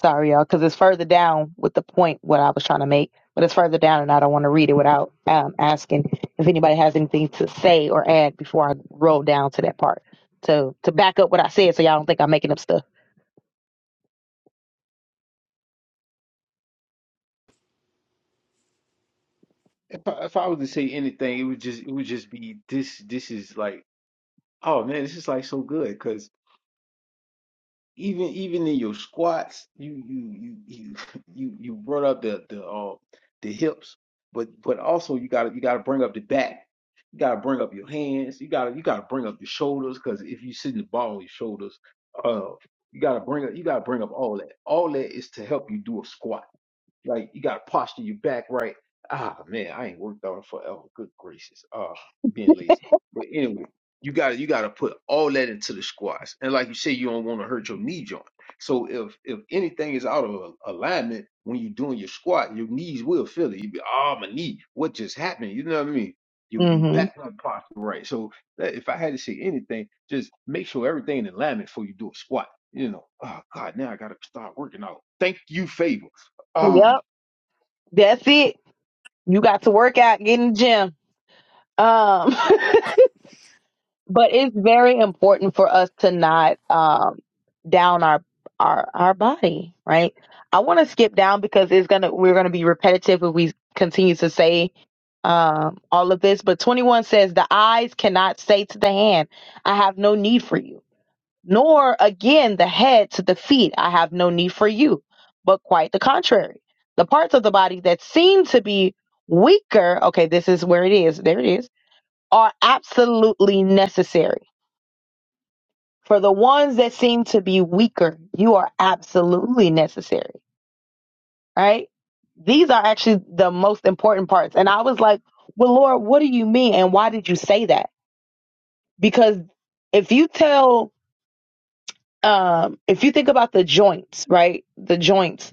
Speaker 1: sorry y'all because it's further down with the point what I was trying to make, but it's further down and I don't want to read it without um, asking if anybody has anything to say or add before I roll down to that part to to back up what I said so y'all don't think I'm making up stuff.
Speaker 3: If I, if I was to say anything, it would just it would just be this this is like Oh man, this is like so good because even even in your squats, you you you you [LAUGHS] you you brought up the the uh, the hips, but but also you gotta you gotta bring up the back. You gotta bring up your hands. You gotta you gotta bring up your shoulders because if you sit in the ball, on your shoulders. Uh, you gotta bring up you gotta bring up all that. All that is to help you do a squat. Like you gotta posture your back right. Ah man, I ain't worked on it forever. Good gracious. Ah, being lazy. But anyway, you gotta you gotta put all that into the squats. And like you say, you don't want to hurt your knee joint. So if if anything is out of a- alignment when you're doing your squat, your knees will feel it. You be, oh my knee, what just happened? You know what I mean? You you
Speaker 1: Mm-hmm.
Speaker 3: back not posture right. So that, if I had to say anything, just make sure everything in alignment before you do a squat. You know, oh God, now I gotta start working out. Thank you, favor. Oh.
Speaker 1: Yep. That's it. You got to work out, get in the gym. Um, [LAUGHS] but it's very important for us to not um, down our our our body, right? I want to skip down because it's gonna we're gonna be repetitive if we continue to say um, all of this. But 21 says the eyes cannot say to the hand, "I have no need for you," nor again the head to the feet, "I have no need for you," but quite the contrary. The parts of the body that seem to be weaker, okay, this is where it is. There it is. Are absolutely necessary for the ones that seem to be weaker, you are absolutely necessary, right? These are actually the most important parts. And I was like, well, Lord, what do you mean? And why did you say that? Because if you tell, um, if you think about the joints, right? The joints,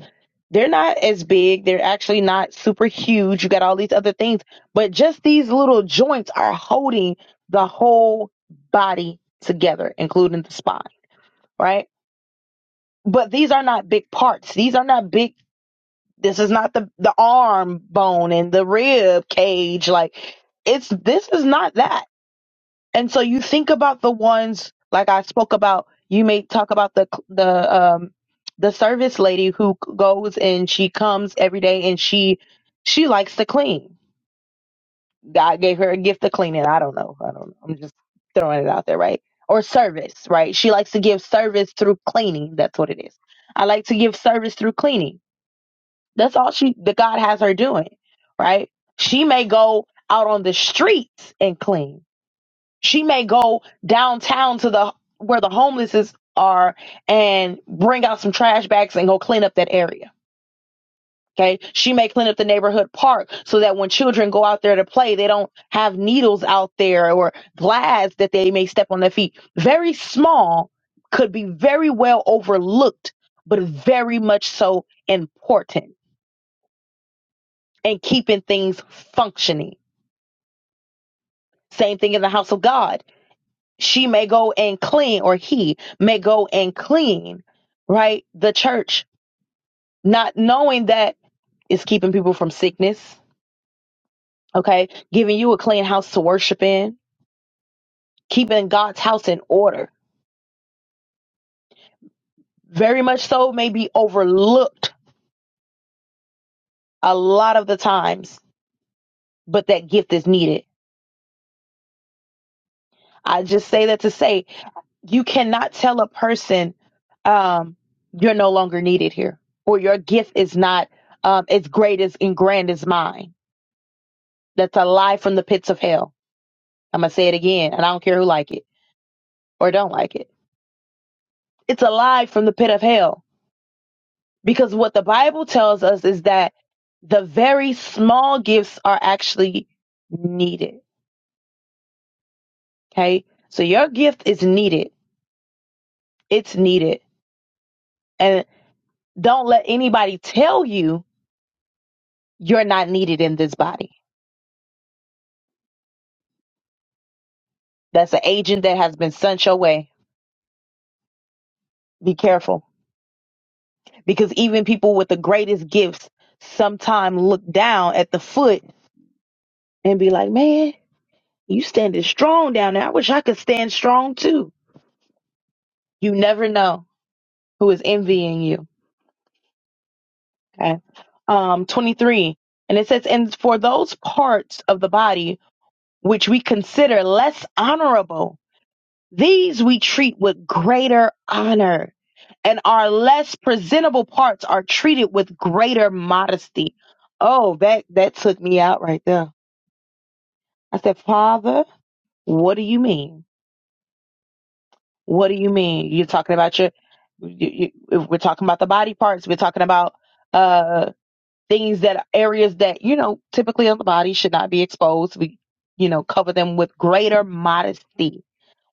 Speaker 1: they're not as big. They're actually not super huge. You got all these other things, but just these little joints are holding the whole body together, including the spine, right? but these are not big parts. These are not big. This is not the the arm bone and the rib cage. Like it's this is not that. And so you think about the ones like I spoke about. You may talk about the the um the service lady who goes and she comes every day and she she likes to clean God gave her a gift of cleaning. I don't know. I don't know. I'm just throwing it out there, right? Or service, right? She likes to give service through cleaning. That's what it is. I like to give service through cleaning. That's all she the God has her doing, right? She may go out on the streets and clean. She may go downtown to the where the homeless is are and bring out some trash bags and go clean up that area Okay. She may clean up the neighborhood park so that when children go out there to play, they don't have needles out there or glass that they may step on their feet. Very small could be very well overlooked, but very much so important and keeping things functioning. Same thing in the house of God. She may go and clean or he may go and clean, right? The church, not knowing that it's keeping people from sickness. Okay. Giving you a clean house to worship in keeping God's house in order. Very much so, may be overlooked a lot of the times, but that gift is needed. I just say that to say you cannot tell a person um, you're no longer needed here or your gift is not um, as great as and grand as mine. That's a lie from the pits of hell. I'm going to say it again, and I don't care who like it or don't like it. It's a lie from the pit of hell Because what the Bible tells us is that the very small gifts are actually needed. Okay. So your gift is needed. It's needed. And don't let anybody tell you you're not needed in this body. That's an agent that has been sent your way. Be careful. Because even people with the greatest gifts sometimes look down at the foot and be like, man, you standing strong down there. I wish I could stand strong too. You never know who is envying you Okay. Um, 23. And it says, And for those parts of the body which we consider less honorable, these we treat with greater honor. And our less presentable parts are treated with greater modesty. Oh, that, that took me out right there. I said, Father, what do you mean? What do you mean? You're talking about your, you, you, if we're talking about the body parts. We're talking about, uh. things that areas that you know typically on the body should not be exposed we you know cover them with greater modesty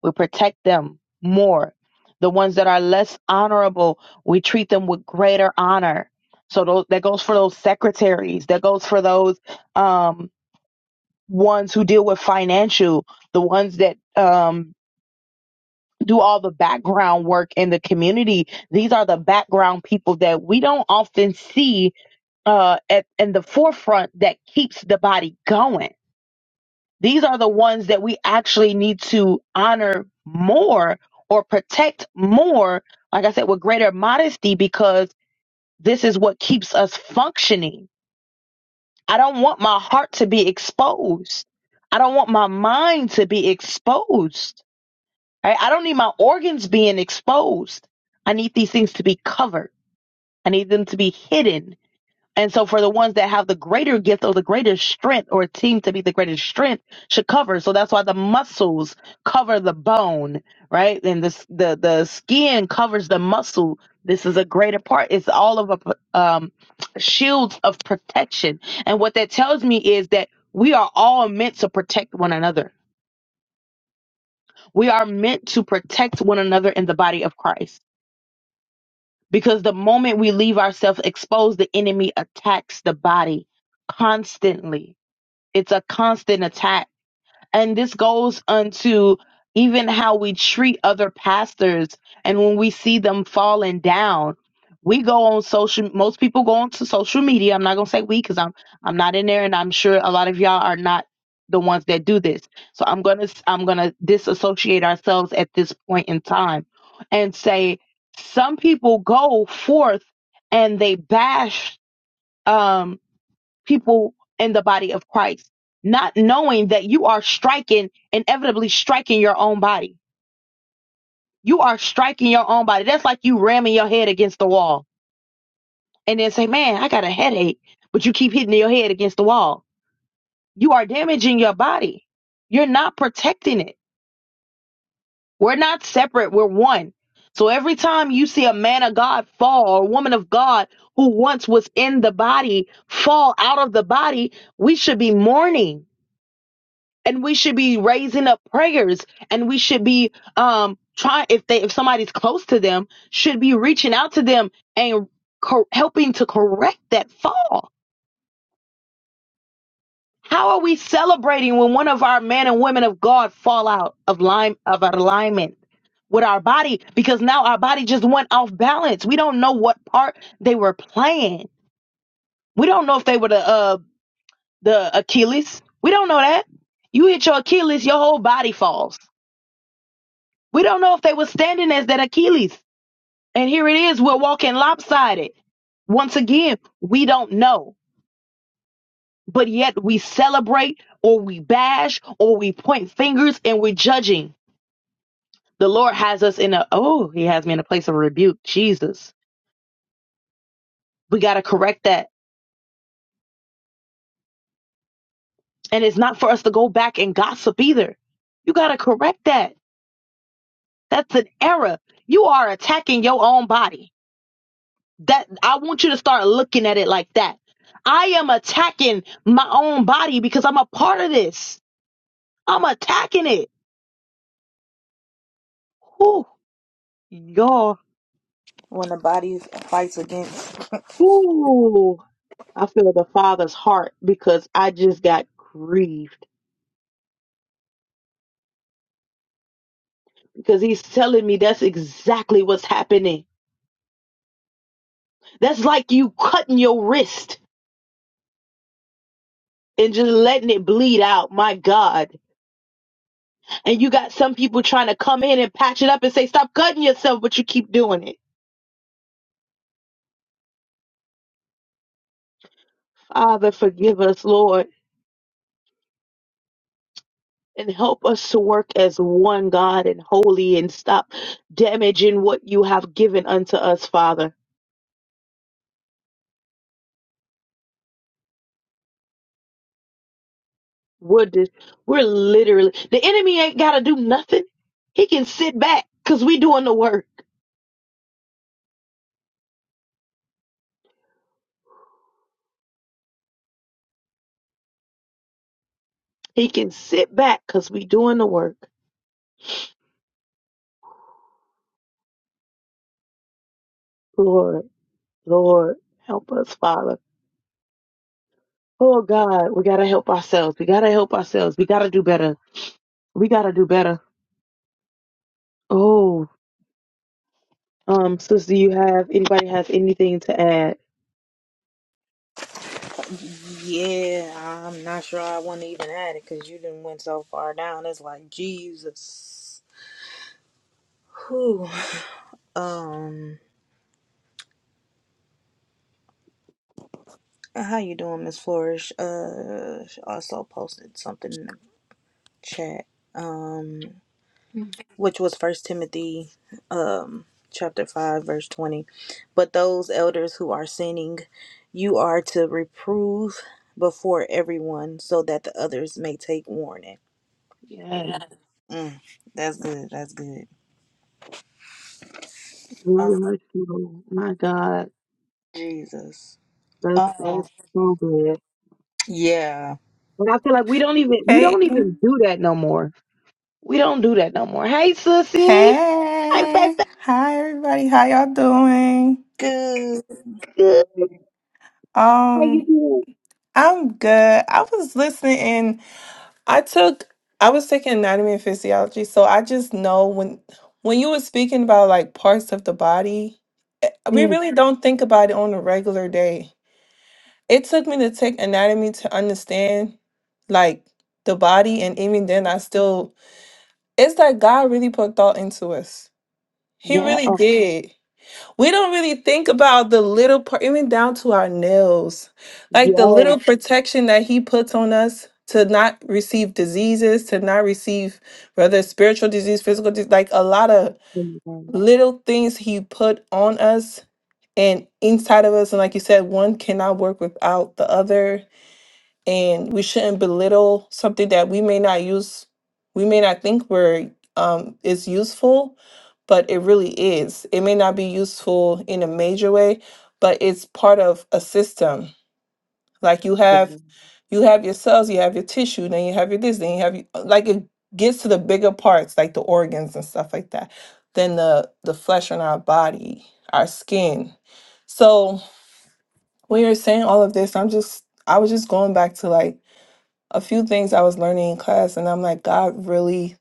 Speaker 1: we protect them more the ones that are less honorable we treat them with greater honor so those, that goes for those secretaries that goes for those um, ones who deal with financial the ones that um, do all the background work in the community these are the background people that we don't often see uh, at in the forefront that keeps the body going. These are the ones that we actually need to honor more or protect more. Like I said, with greater modesty, because this is what keeps us functioning. I don't want my heart to be exposed. I don't want my mind to be exposed. right? I don't need my organs being exposed. I need these things to be covered. I need them to be hidden And so for the ones that have the greater gift or the greater strength or team to be the greatest strength should cover. So that's why the muscles cover the bone, right? And this the the skin covers the muscle. This is a greater part. It's all of a um shields of protection. And what that tells me is that we are all meant to protect one another. We are meant to protect one another in the body of Christ. Because the moment we leave ourselves exposed, the enemy attacks the body constantly It's a constant attack. And this goes unto even how we treat other pastors. And when we see them falling down, we go on social. Most people go onto social media. I'm not gonna say we because I'm I'm not in there, and I'm sure a lot of y'all are not the ones that do this. So I'm gonna I'm gonna disassociate ourselves at this point in time, and say some people go forth and they bash. Um, people in the body of Christ, not knowing that you are striking, inevitably striking your own body. You are striking your own body. That's like you ramming your head against the wall and then say, Man, I got a headache, but you keep hitting your head against the wall. You are damaging your body. You're not protecting it. We're not separate, we're one. So every time you see a man of God fall or a woman of God who once was in the body fall out of the body, we should be mourning and we should be raising up prayers and we should be um trying if they if somebody's close to them should be reaching out to them and co- helping to correct that fall how are we celebrating when one of our men and women of god fall out of line of our alignment with our body because now our body just went off balance we don't know what part they were playing we don't know if they were the uh the achilles we don't know that you hit your achilles your whole body falls We don't know if they were standing as that Achilles. And here it is, we're walking lopsided. Once again, we don't know. But yet we celebrate or we bash or we point fingers and we're judging. The Lord has us in a, oh, he has me in a place of rebuke. Jesus. We got to correct that. And it's not for us to go back and gossip either. You got to correct that. That's an error. You are attacking your own body That I want you to start looking at it like that. I am attacking my own body because I'm a part of this. I'm attacking it. Whew, y'all.
Speaker 2: When the body fights against,
Speaker 1: Whew. I feel the father's heart because I just got grieved because he's telling me that's exactly what's happening. That's like you cutting your wrist and just letting it bleed out. My God. And you got some people trying to come in and patch it up and say, stop cutting yourself, but you keep doing it. Father, forgive us, Lord. and help us to work as one God and holy and stop damaging what you have given unto us, Father. We're, di- we're literally, the enemy ain't got to do nothing. He can sit back because we doing the work. He can sit back because we doing the work. Lord, Lord, help us, Father. Oh God, we got to help ourselves. We got to help ourselves. We got to do better. We got to do better. Oh, um, sister, you have, anybody have anything to add?
Speaker 2: yeah, I'm not sure I want to even add it because you didn't went so far down. It's like Jesus, who, um, how you doing, Miss Flourish? Uh, she also posted something in the chat, um, which was First Timothy, um, chapter five, verse twenty. But those elders who are sinning, you are to reprove before everyone, so that the others may take warning
Speaker 1: Yes.
Speaker 2: Yeah. Mm, that's good. That's good.
Speaker 1: Lord
Speaker 2: Oh,
Speaker 1: have mercy, Lord. My God,
Speaker 2: Jesus.
Speaker 1: that's
Speaker 2: Oh,
Speaker 1: that's so good.
Speaker 2: yeah.
Speaker 1: And I feel like we don't even we
Speaker 4: Hey,
Speaker 1: don't even
Speaker 4: Mm.
Speaker 1: do that no more. We don't do that no more. Hey, sissy. Hey,
Speaker 4: hey,
Speaker 1: that's
Speaker 4: hi everybody. How y'all doing?
Speaker 2: Good.
Speaker 1: good. How
Speaker 4: Um,
Speaker 1: you
Speaker 4: I'm good. I was listening and I took I was taking anatomy and physiology, so I just know when when you were speaking about like parts of the body, eh, we
Speaker 1: doing? Mm,
Speaker 4: really do don't think about it on a regular day. It took me to take anatomy to understand like the body and even then I still it's like God really put thought into us. He
Speaker 1: yeah.
Speaker 4: really
Speaker 1: Oh,
Speaker 4: did. We don't really think about the little part, even down to our nails, like the
Speaker 1: yes.
Speaker 4: little Yeah. protection that He puts on us to not receive diseases, to not receive whether it's spiritual disease, physical disease, like a lot of little things He put on us and inside of us. And like you said, one cannot work without the other and we shouldn't belittle something that we may not use we may not think we're um is useful but it really is it may not be useful in a major way but it's part of a system like you have
Speaker 1: Together.
Speaker 4: you have your cells you have your tissue then you have your this then you have your, uh, like it gets to the bigger parts like the organs and stuff like that than the the flesh on our body our skin so when you're saying all of this i'm just i was just going back to like a few things I was learning in class, and I'm like, God really,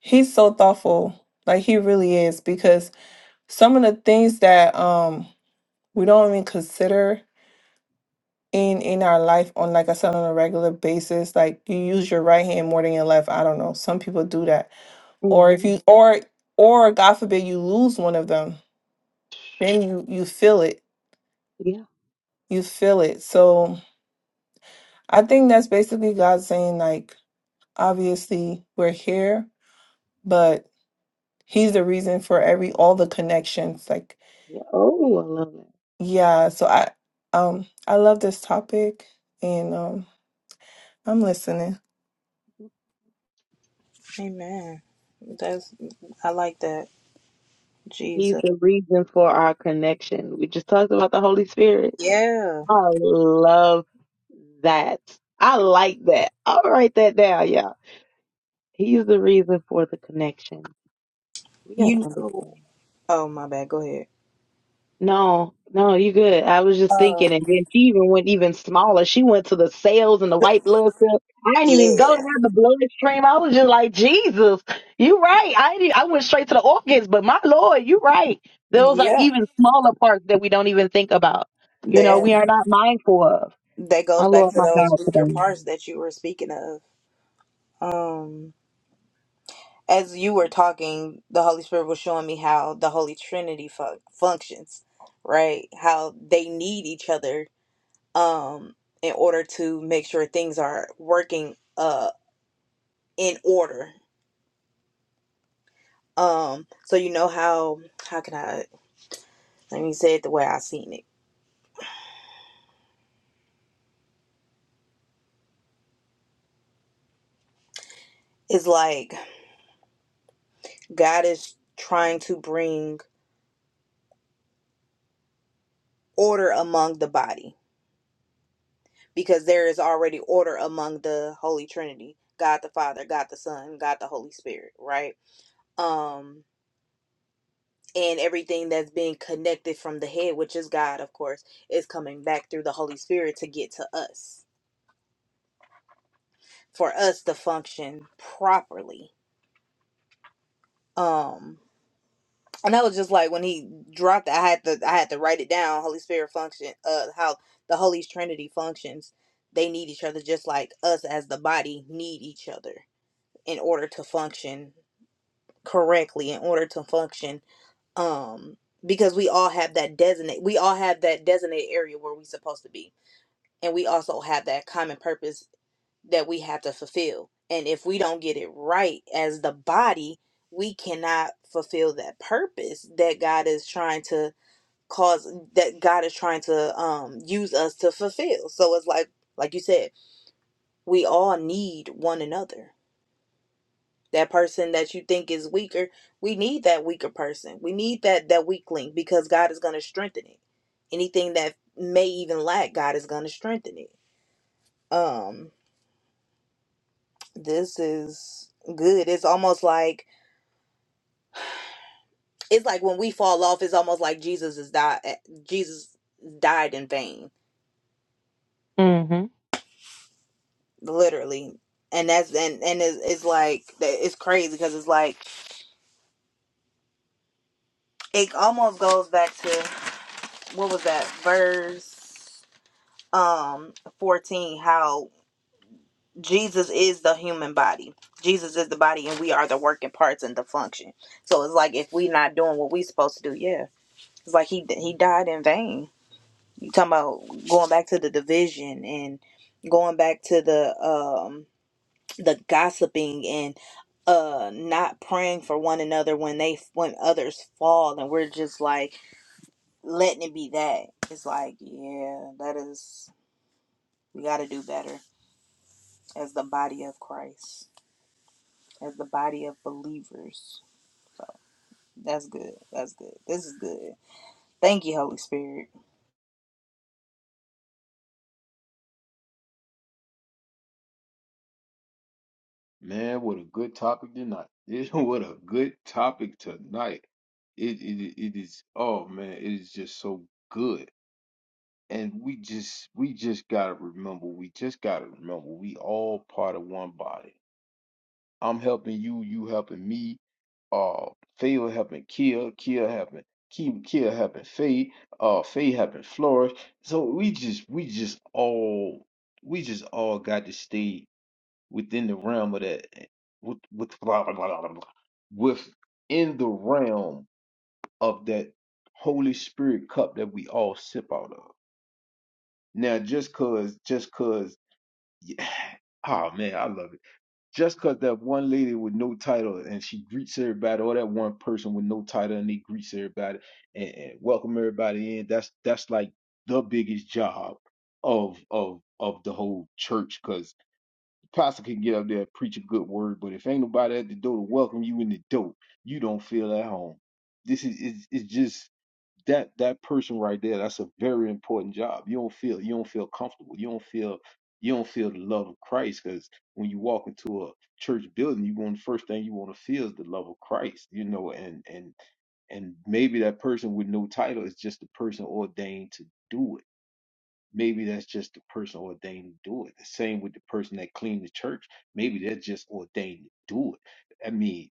Speaker 4: He's so thoughtful. Like He really is, because some of the things that um we don't even consider in in our life on like I said on a regular basis, like you use your right hand more than your left. I don't know. Some people do that, or if
Speaker 1: Mm-hmm.
Speaker 4: you or or God forbid you lose one of them, then you you feel it.
Speaker 1: Yeah.
Speaker 4: You feel it. So I think that's basically God saying like, obviously we're here, but he's the reason for every all the connections like
Speaker 1: Yeah. Oh, I love that.
Speaker 4: yeah so i um i love this topic and um i'm listening
Speaker 2: Amen. That's, I like that.
Speaker 1: He's
Speaker 2: Jesus.
Speaker 1: the reason for our connection. We just talked about the Holy Spirit.
Speaker 2: Yeah.
Speaker 1: I love that. I like that. I'll write that down, y'all. He's the reason for the connection. We gotta
Speaker 2: You
Speaker 1: understand.
Speaker 2: know. Oh, my bad. Go ahead.
Speaker 1: No, no, you good. I was just thinking,
Speaker 2: Um,
Speaker 1: and then she even went even smaller. She went to the cells and the
Speaker 2: th-
Speaker 1: white blood cells. I didn't even go down
Speaker 2: yeah.
Speaker 1: the bloodstream. I was just like, Jesus, you right. I didn't, I went straight to the organs, but my Lord, you right. Those are
Speaker 2: Yeah.
Speaker 1: even smaller parts that we don't even think about. You know,
Speaker 2: That,
Speaker 1: we are not mindful of.
Speaker 2: that
Speaker 1: My
Speaker 2: goes back
Speaker 1: Lord,
Speaker 2: to
Speaker 1: my
Speaker 2: those
Speaker 1: God,
Speaker 2: weaker
Speaker 1: today.
Speaker 2: parts that you were speaking of. Um, as you were talking, the Holy Spirit was showing me how the Holy Trinity fu- functions, right? How they need each other um, in order to make sure things are working uh, in order. Um, so you know how how can I let me say it the way I seen it. It's like God is trying to bring order among the body because there is already order among the Holy Trinity. God the Father, God the Son, God the Holy Spirit, right? Um and everything that's being connected from the head, which is God, of course, is coming back through the Holy Spirit to get to us for us to function properly. Um and that was just like when he dropped it, I had to I had to write it down. Holy Spirit function uh how the Holy Trinity functions. They need each other just like us as the body need each other in order to function correctly, in order to function um because we all have that designate we all have that designated area where we're supposed to be. And we also have that common purpose that we have to fulfill. And if we don't get it right as the body, we cannot fulfill that purpose that God is trying to cause that God is trying to um use us to fulfill. So it's like like you said, we all need one another. That person that you think is weaker, we need that weaker person. We need that that weak link because God is going to strengthen it. Anything that may even lack, God is going to strengthen it. Um this is good. It's almost like it's like when we fall off it's almost like jesus is died jesus died in vain
Speaker 1: Mm-hmm.
Speaker 2: literally and that's and and it's, it's like that- it's crazy because it's like it almost goes back to what was that verse um 14 how jesus is the human body jesus is the body and we are the working parts and the function so it's like if we not doing what we supposed to do yeah it's like he he died in vain You talking about going back to the division and going back to the um the gossiping and uh not praying for one another when they when others fall and we're just like letting it be that. It's like, yeah, that is we got to do better as the body of Christ, as the body of believers. That's good. That's good. This is good. Thank you, Holy Spirit.
Speaker 3: Man, what a good topic tonight. [LAUGHS] It, what a good topic tonight. It, it it is oh man, it is just so good. And we just we just gotta remember, we just gotta remember we all part of one body. I'm helping you, you helping me, uh Favor helping Kia, Kia helping Kia, Kia helping Faye, uh Faye helping Flourish. So we just we just all we just all got to stay within the realm of that eh, with with blah, blah, blah, blah, blah, within the realm of that Holy Spirit cup that we all sip out of. Now just cause just cause yeah, [SIGHS] oh man, I love it. Just cause that one lady with no title and she greets everybody, or that one person with no title and they greets everybody and, and welcome everybody in, that's that's like the biggest job of of of the whole church cause pastor can get up there and preach a good word, but if ain't nobody at the door to welcome you in the door, you don't feel at home. This is it's, it's just that that person right there. That's a very important job. You don't feel you don't feel comfortable. You don't feel you don't feel the love of Christ because when you walk into a church building, you want the first thing you want to feel is the love of Christ. You know, and and and maybe that person with no title is just the person ordained to do it Maybe that's just the person ordained to do it. The same with the person that cleaned the church. Maybe they're just ordained to do it. I mean,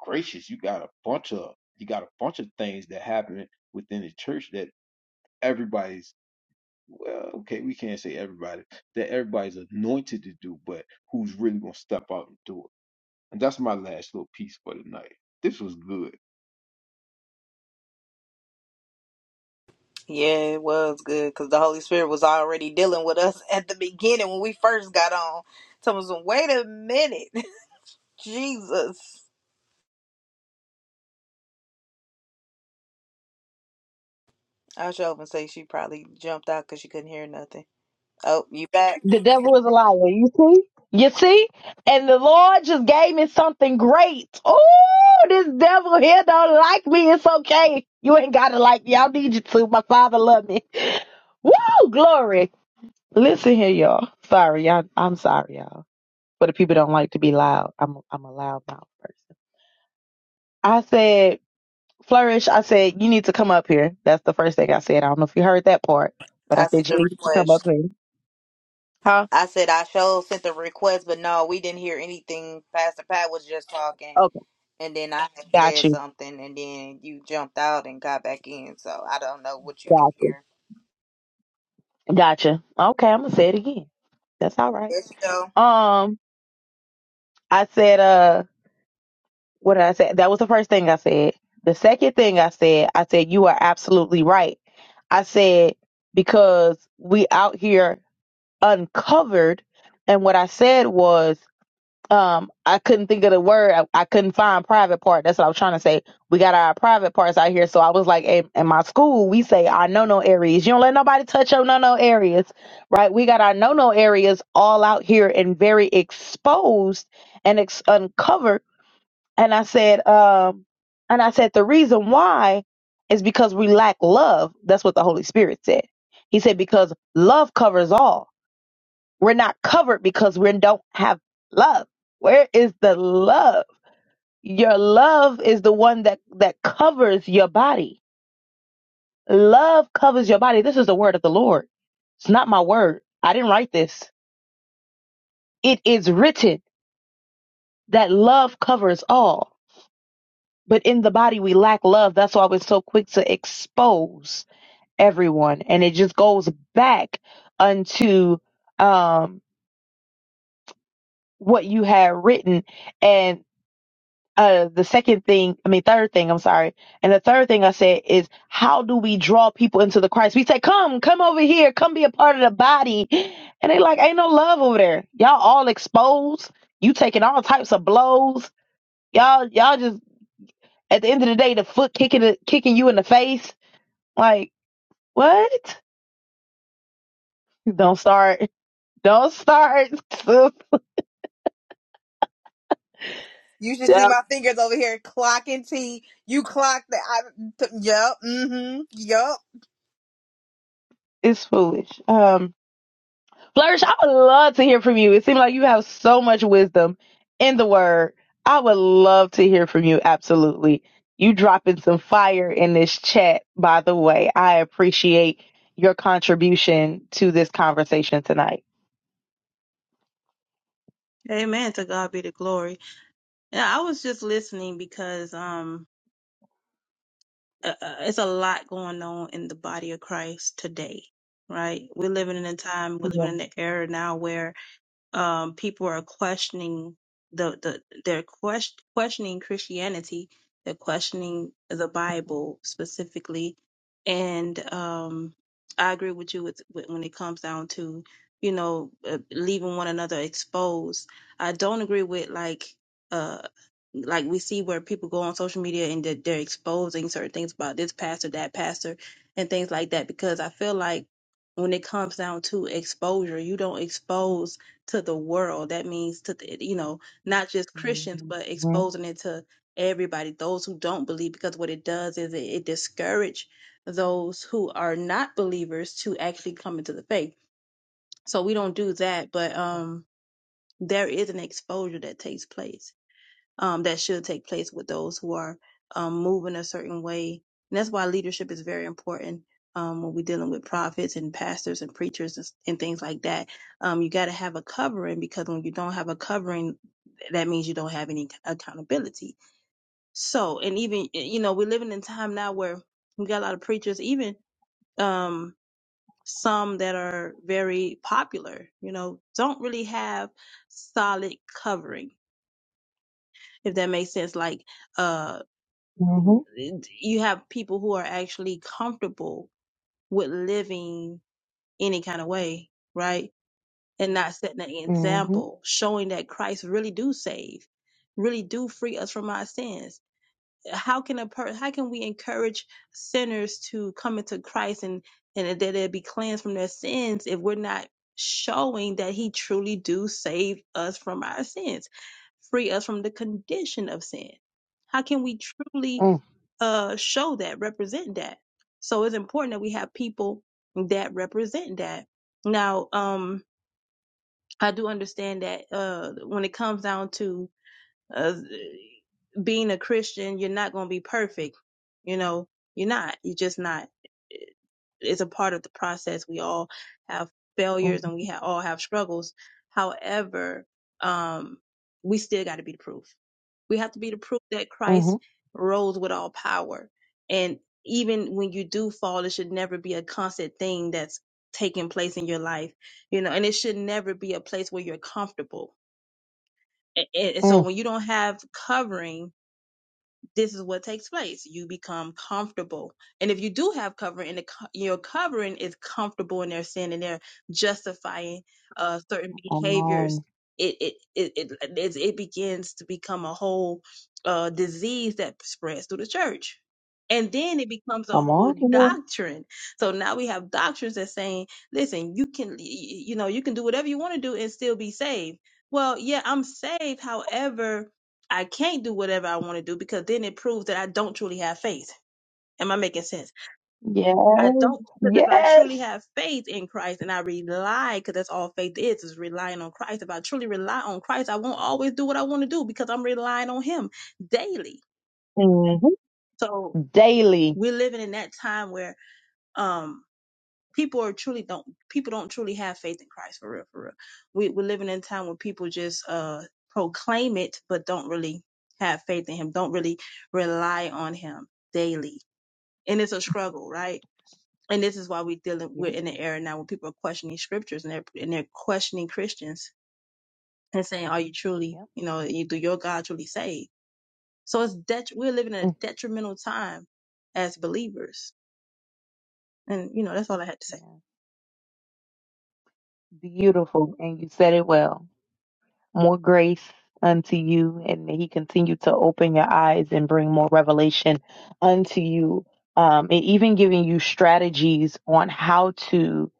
Speaker 3: gracious, you got a bunch of you got a bunch of things that happen within the church that everybody's well, okay, we can't say everybody that everybody's anointed to do, but who's really gonna step out and do it. And that's my last little piece for tonight. This was good.
Speaker 2: Yeah, it was good because the Holy Spirit was already dealing with us [LAUGHS] at the beginning when we first got on. Someone was wait a minute, [LAUGHS] Jesus. I should open say she probably jumped out because she couldn't hear nothing. Oh, you back?
Speaker 1: The devil is a liar. You see? You see? And the Lord just gave me something great. Oh, this devil here don't like me. It's okay. You ain't gotta like me. I don't need you to. My father love me. [LAUGHS] Woo! Glory. Listen here, y'all. Sorry, y'all. I'm sorry, y'all. But the people don't like to be loud. I'm I'm a loud mouth person. I said, Flourish, I said, you need to come up here. That's the first thing I said. I don't know if you heard that part, but I
Speaker 2: I sent
Speaker 1: said you
Speaker 2: the
Speaker 1: need to come up
Speaker 2: request.
Speaker 1: here. Huh?
Speaker 2: I said I showed sent the request, but no, we didn't hear anything. Pastor Pat was just talking,
Speaker 1: Okay.
Speaker 2: and then I had
Speaker 1: Got
Speaker 2: said
Speaker 1: you.
Speaker 2: something, and then you jumped out and got back in. So I don't know what you can
Speaker 1: Got you.
Speaker 2: hear.
Speaker 1: Gotcha. Okay, I'm gonna say it again. That's all right.
Speaker 2: There you go.
Speaker 1: Um, I said, uh, what did I say? That was the first thing I said. The second thing I said, I said, you are absolutely right. I said, because we out here uncovered. And what I said was um I couldn't think of the word. I, I couldn't find private part. That's what I was trying to say. We got our private parts out here. So I was like, in, in my school, we say our no no areas. You don't let nobody touch your no no areas, right? We got our no no areas all out here and very exposed and ex- uncovered. And I said, um, and I said the reason why is because we lack love. That's what the Holy Spirit said. He said because love covers all we're not covered because we don't have love. Where is the love? Your love is the one that, that covers your body. Love covers your body. This is the word of the Lord. It's not my word. I didn't write this. It is written that love covers all. But in the body, we lack love. That's why we're so quick to expose everyone. And it just goes back unto um, what you had written. and. uh the second thing i mean third thing i'm sorry and the third thing i said is how do we draw people into the christ we say come come over here come be a part of the body and they like ain't no love over there y'all all exposed you taking all types of blows y'all y'all just at the end of the day the foot kicking the, kicking you in the face like what [LAUGHS] don't start don't start [LAUGHS]
Speaker 2: You should see
Speaker 1: yeah,
Speaker 2: my fingers over here clocking T. You clock the. I, t- yup. Mm-hmm. Yup.
Speaker 1: it's foolish Um. Flourish, I would love to hear from you. It seems like you have so much wisdom in the word. I would love to hear from you. Absolutely. You dropping some fire in this chat, by the way. I appreciate your contribution to this conversation tonight.
Speaker 5: Amen. To God be the glory. Yeah, I was just listening because um, uh, uh, it's a lot going on in the body of Christ today, right? We're living in a time, we're living in
Speaker 1: Mhm,
Speaker 5: an era now where um, people are questioning the, the they're quest- questioning Christianity, they're questioning the
Speaker 1: mhm,
Speaker 5: Bible specifically, and um, I agree with you with, with when it comes down to you know uh, leaving one another exposed. I don't agree with like uh like we see where people go on social media and that they're exposing certain things about this pastor, that pastor, and things like that because I feel like when it comes down to exposure, you don't expose to the world. That means to the, you know not just Christians, but
Speaker 1: mhm,
Speaker 5: exposing it to everybody, those who don't believe, because what it does is it, it discourage those who are not believers to actually come into the faith. So we don't do that, but um, there is an exposure that takes place um, that should take place with those who are um, moving a certain way. And that's why leadership is very important um, when we're dealing with prophets and pastors and preachers and, and things like that. Um, you got to have a covering because when you don't have a covering, that means you don't have any accountability. So, and even, you know, we're living in time now where we got a lot of preachers, even um, some that are very popular, you know, don't really have solid covering, if that makes sense. Like, uh,
Speaker 1: mhm, mhm,
Speaker 5: you have people who are actually comfortable with living any kind of way, right? And not setting an
Speaker 1: mhm,
Speaker 5: example, showing that Christ really do save, really do free us from our sins. How can a per- how can we encourage sinners to come into Christ and and that they be cleansed from their sins if we're not showing that He truly do save us from our sins, free us from the condition of sin? How can we truly uh show that, represent that. So it's important that we have people that represent that. Now, um, I do understand that uh when it comes down to uh being a Christian, you're not going to be perfect. You know, you're not. You're just not. It's a part of the process. We all have
Speaker 1: mhm,
Speaker 5: failures and we ha- all have struggles. However, um, we still got to be the proof. We have to be the proof that
Speaker 1: mhm,
Speaker 5: Christ
Speaker 1: mhm.
Speaker 5: rose with all power. And even when you do fall, it should never be a constant thing that's taking place in your life, you know, and it should never be a place where you're comfortable. A- And so
Speaker 1: mhm.
Speaker 5: when you don't have covering, this is what takes place. You become comfortable. And if you do have covering and the, co- your covering is comfortable in their sin and they're justifying uh, certain
Speaker 1: Come
Speaker 5: behaviors,
Speaker 1: on,
Speaker 5: it, it, it, it, it, it begins to become a whole uh, disease that spreads through the church. And then it becomes a
Speaker 1: come
Speaker 5: whole
Speaker 1: on here.
Speaker 5: doctrine. So now we have doctrines that saying, listen, you can, y- y- you know, you can do whatever you want to do and still be saved. Well, yeah, I'm saved. However, I can't do whatever I want to do because then it proves that I don't truly have faith. Am I making sense?
Speaker 1: Yes.
Speaker 5: I don't because if I truly
Speaker 1: Yes.
Speaker 5: have faith in Christ and I rely, because that's all faith is, is relying on Christ. If I truly rely on Christ, I won't always do what I want to do because I'm relying on Him daily.
Speaker 1: hmm
Speaker 5: So
Speaker 1: Daily.
Speaker 5: we're living in that time where um people are truly don't people don't truly have faith in Christ for real, for real. We we're living in a time where people just uh proclaim it but don't really have faith in him, don't really rely on him daily. And it's a struggle, right? And this is why we dealing
Speaker 1: Yeah,
Speaker 5: we're in an era now where people are questioning scriptures and they're and they're questioning Christians and saying, Are you truly,
Speaker 1: yep,
Speaker 5: you know, you do your God truly save? So it's det- we're living in a
Speaker 1: Mm,
Speaker 5: detrimental time as believers. And you know, that's all I had to say.
Speaker 1: yeah. Beautiful. And you said it well. More grace unto you. And may he continue to open your eyes and bring more revelation unto you. Um, and even giving you strategies on how to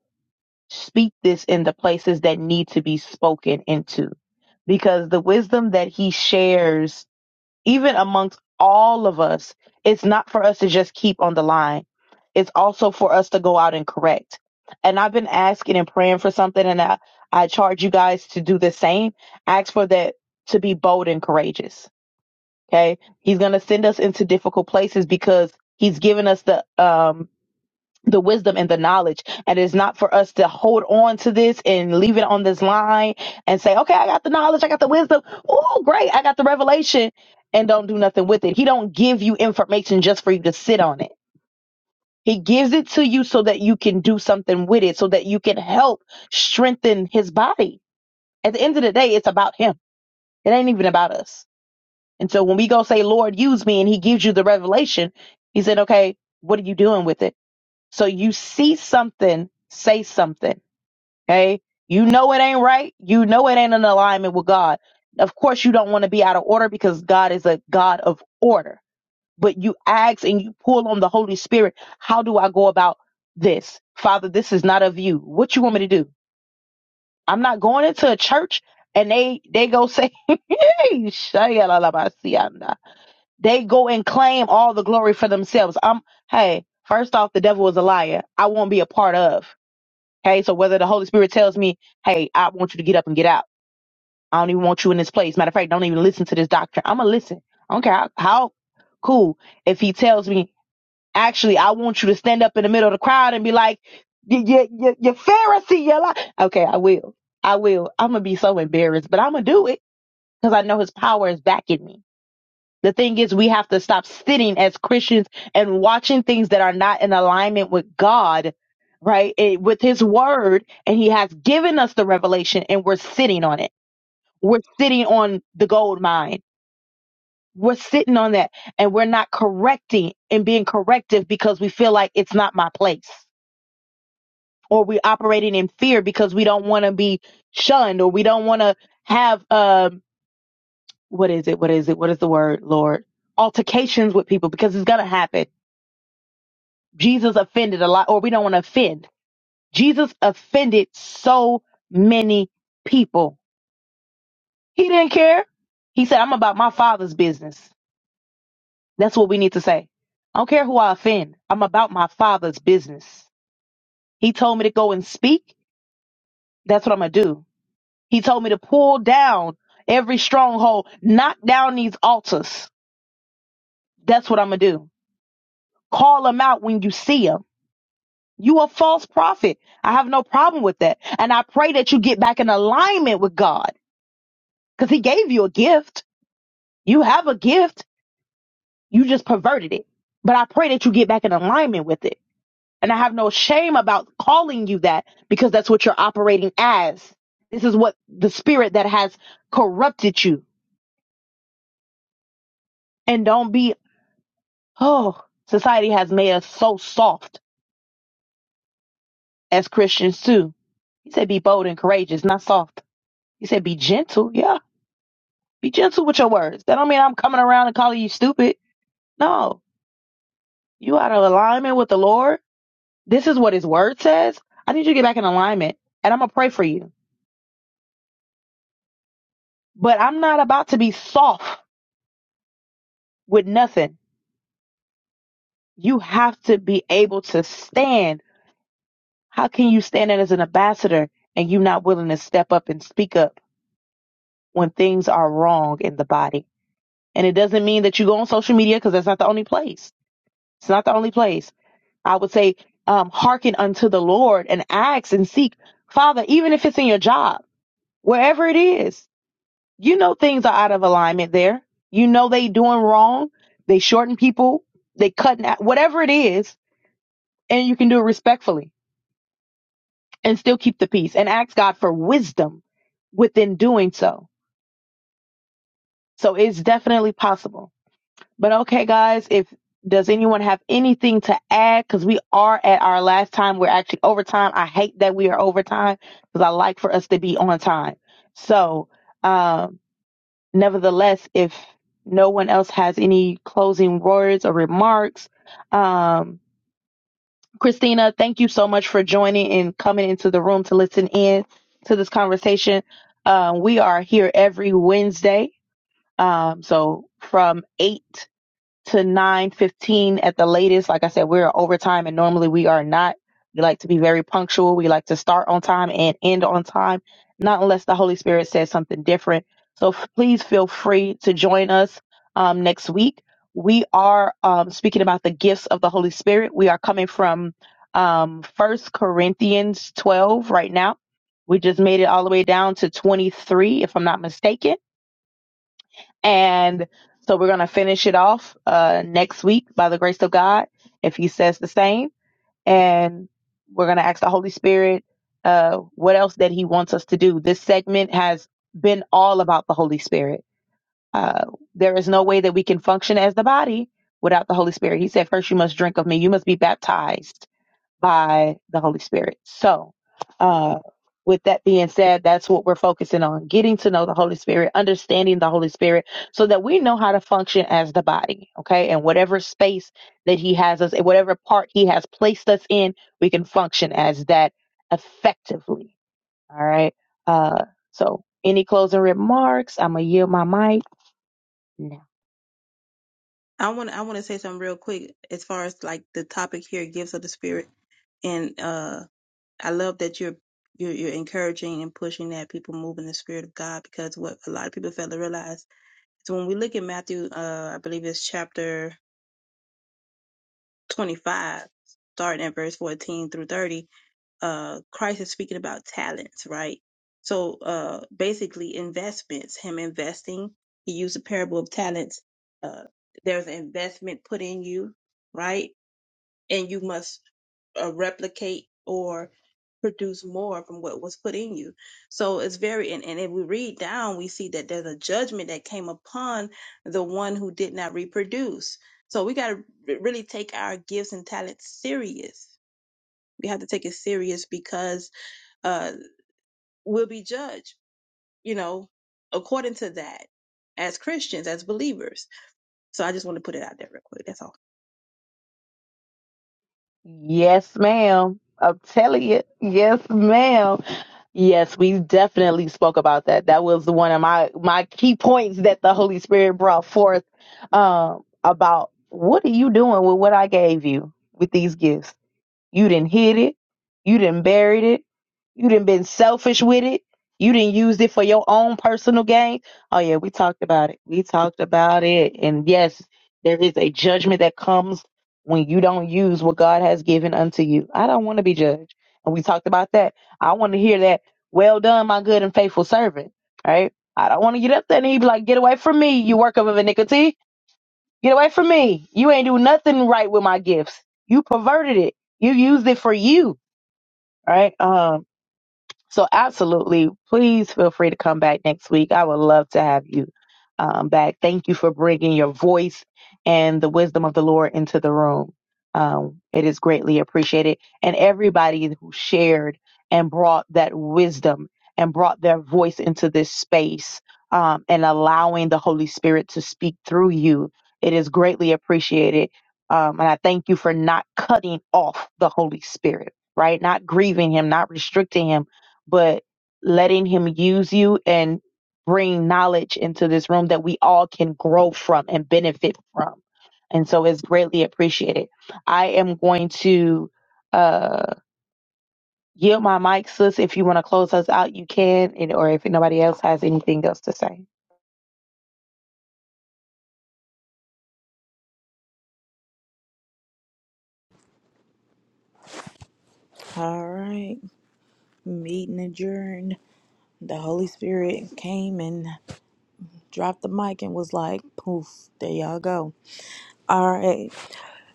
Speaker 1: speak this in the places that need to be spoken into. Because the wisdom that he shares even amongst all of us, it's not for us to just keep on the line. It's also for us to go out and correct. And I've been asking and praying for something, and I, I charge you guys to do the same. Ask for that to be bold and courageous. Okay. He's going to send us into difficult places because he's given us the um, the wisdom and the knowledge. And it's not for us to hold on to this and leave it on this line and say, okay, I got the knowledge, I got the wisdom. Oh, great, I got the revelation, and don't do nothing with it. He don't give you information just for you to sit on it. He gives it to you so that you can do something with it, so that you can help strengthen his body. At the end of the day, it's about him. It ain't even about us. And so when we go say, Lord, use me, and he gives you the revelation, he said, okay, what are you doing with it? So you see something, say something. Okay. You know it ain't right. You know it ain't in alignment with God. Of course, you don't want to be out of order because God is a God of order. But you ask and you pull on the Holy Spirit. How do I go about this? Father, this is not of you. What you want me to do? I'm not going into a church and they they go say [LAUGHS] they go and claim all the glory for themselves. I'm hey, first off, the devil is a liar. I won't be a part of. Okay, so whether the Holy Spirit tells me, hey, I want you to get up and get out. I don't even want you in this place. Matter of fact, don't even listen to this doctrine. I'm going to listen. I don't care how, how cool. If he tells me, actually, I want you to stand up in the middle of the crowd and be like, you, you, you, you Pharisee, you lie. Okay, I will. I will. I'm going to be so embarrassed, but I'm going to do it because I know his power is backing me. The thing is, we have to stop sitting as Christians and watching things that are not in alignment with God, right? It- with His Word, and He has given us the revelation, and we're sitting on it. We're sitting on the gold mine. We're sitting on that, and we're not correcting and being corrective because we feel like it's not my place, or we're operating in fear because we don't want to be shunned, or we don't want to have um, what is it? What is it? What is the word, Lord? Altercations with people because it's gonna happen Jesus offended a lot, or we don't want to offend. Jesus offended so many people. He didn't care. He said, I'm about my father's business. That's what we need to say. I don't care who I offend. I'm about my father's business. He told me to go and speak. That's what I'm going to do. He told me to pull down every stronghold, knock down these altars. That's what I'm going to do. Call them out when you see 'em. You a false prophet. I have no problem with that. And I pray that you get back in alignment with God because he gave you a gift. You have a gift. You just perverted it. But I pray that you get back in alignment with it. And I have no shame about calling you that because that's what you're operating as. This is what the spirit that has corrupted you. And don't be, oh, society has made us so soft as Christians too. He said, be bold and courageous, not soft. He said, be gentle. yeah. Be gentle with your words. That don't mean I'm coming around and calling you stupid. No, you out of alignment with the Lord. This is what His Word says. I need you to get back in alignment, and I'm gonna pray for you. But I'm not about to be soft with nothing. You have to be able to stand. How can you stand as an ambassador and you not willing to step up and speak up when things are wrong in the body? And it doesn't mean that you go on social media because that's not the only place. It's not the only place I would say, um, hearken unto the Lord and ask and seek. Father, even if it's in your job, wherever it is, you know things are out of alignment there. You know they doing wrong. They shorten people. They cutting out, whatever it is. And you can do it respectfully and still keep the peace and ask God for wisdom within doing so. So it's definitely possible. But okay, guys, if does anyone have anything to add? Because we are at our last time. We're actually over time. I hate that we are over time because I like for us to be on time. So, um, nevertheless, if no one else has any closing words or remarks, um, Christina, thank you so much for joining and coming into the room to listen in to this conversation. Uh, we are here every Wednesday. Um, so from 8 to 9:15 at the latest. Like I said, we're overtime and normally we are not. We like to be very punctual. We like to start on time and end on time, not unless the Holy Spirit says something different. So f- please feel free to join us um, next week. We are um, speaking about the gifts of the Holy Spirit. We are coming from um, 1 Corinthians 12 right now. We just made it all the way down to 23, if I'm not mistaken and so we're going to finish it off uh, next week by the grace of God, if He says the same. And we're going to ask the Holy Spirit uh, what else that He wants us to do. This segment has been all about the Holy Spirit. Uh, there is no way that we can function as the body without the Holy Spirit. He said, First, you must drink of me, you must be baptized by the Holy Spirit. So, uh, with that being said, that's what we're focusing on getting to know the Holy Spirit, understanding the Holy Spirit, so that we know how to function as the body, okay? And whatever space that He has us, whatever part He has placed us in, we can function as that effectively, all right? Uh, so, any closing remarks? I'm going to yield my mic.
Speaker 5: I want I want to say something real quick as far as like the topic here, gifts of the spirit, and uh, I love that you're you're, you're encouraging and pushing that people move in the spirit of God because what a lot of people fail to realize is when we look at Matthew, uh, I believe it's chapter 25, starting at verse 14 through 30, uh, Christ is speaking about talents, right? So uh, basically investments, him investing, he used the parable of talents. Uh, there's an investment put in you, right? and you must uh, replicate or produce more from what was put in you. So it's very, and, and if we read down, we see that there's a judgment that came upon the one who did not reproduce. So we got to really take our gifts and talents serious. We have to take it serious because uh, we'll be judged, you know, according to that as Christians, as believers. So I just want to put it out there real quick. That's all.
Speaker 1: Yes, ma'am. I'm telling you. Yes, ma'am. Yes, we definitely spoke about that. That was one of my my key points that the Holy Spirit brought forth um, about what are you doing with what I gave you with these gifts? You didn't hid it. You didn't buried it. You didn't been selfish with it. You didn't use it for your own personal gain. Oh yeah, we talked about it. We talked about it. And yes, there is a judgment that comes when you don't use what God has given unto you. I don't want to be judged. And we talked about that. I want to hear that. Well done, my good and faithful servant. Right? I don't want to get up there and he be like, get away from me, you work of a iniquity Get away from me. You ain't do nothing right with my gifts. You perverted it. You used it for you. Right? Um, so, absolutely, please feel free to come back next week. I would love to have you um, back. Thank you for bringing your voice and the wisdom of the Lord into the room. Um, it is greatly appreciated. And everybody who shared and brought that wisdom and brought their voice into this space um, and allowing the Holy Spirit to speak through you, it is greatly appreciated. Um, and I thank you for not cutting off the Holy Spirit, right? Not grieving Him, not restricting Him but letting him use you and bring knowledge into this room that we all can grow from and benefit from. And so it's greatly appreciated. I am going to uh yield my mic, sis. If you want to close us out, you can, and or if nobody else has anything else to say.
Speaker 2: All right, meeting adjourned. The Holy Spirit came and dropped the mic and was like, poof, there y'all go. All right.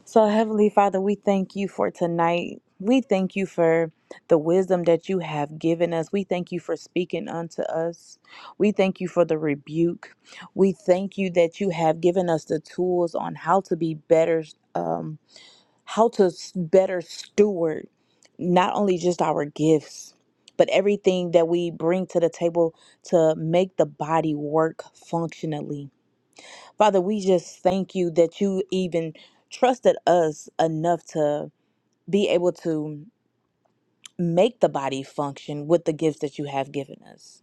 Speaker 2: So, Heavenly Father, we thank you for tonight. We thank you for the wisdom that you have given us. We thank you for speaking unto us. We thank you for the rebuke. We thank you that you have given us the tools on how to be better, um, how to s- better steward not only just our gifts, but everything that we bring to the table to make the body work functionally. Father, we just thank you that you even trusted us enough to be able to make the body function with the gifts that you have given us.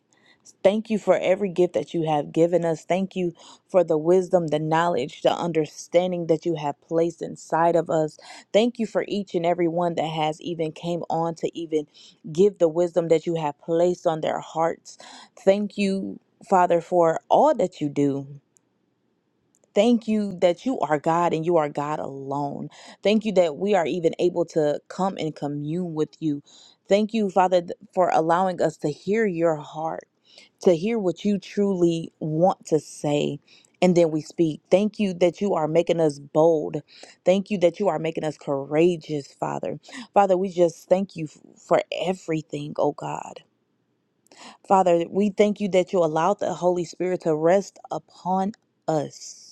Speaker 2: Thank you for every gift that you have given us. Thank you for the wisdom, the knowledge, the understanding that you have placed inside of us. Thank you for each and every one that has even came on to even give the wisdom that you have placed on their hearts. Thank you, Father, for all that you do. Thank you that you are God and you are God alone. Thank you that we are even able to come and commune with you. Thank you, Father, th- for allowing us to hear your heart, to hear what you truly want to say. And then we speak. Thank you that you are making us bold. Thank you that you are making us courageous, Father. Father, we just thank you f- for everything, oh God. Father, we thank you that you allowed the Holy Spirit to rest upon us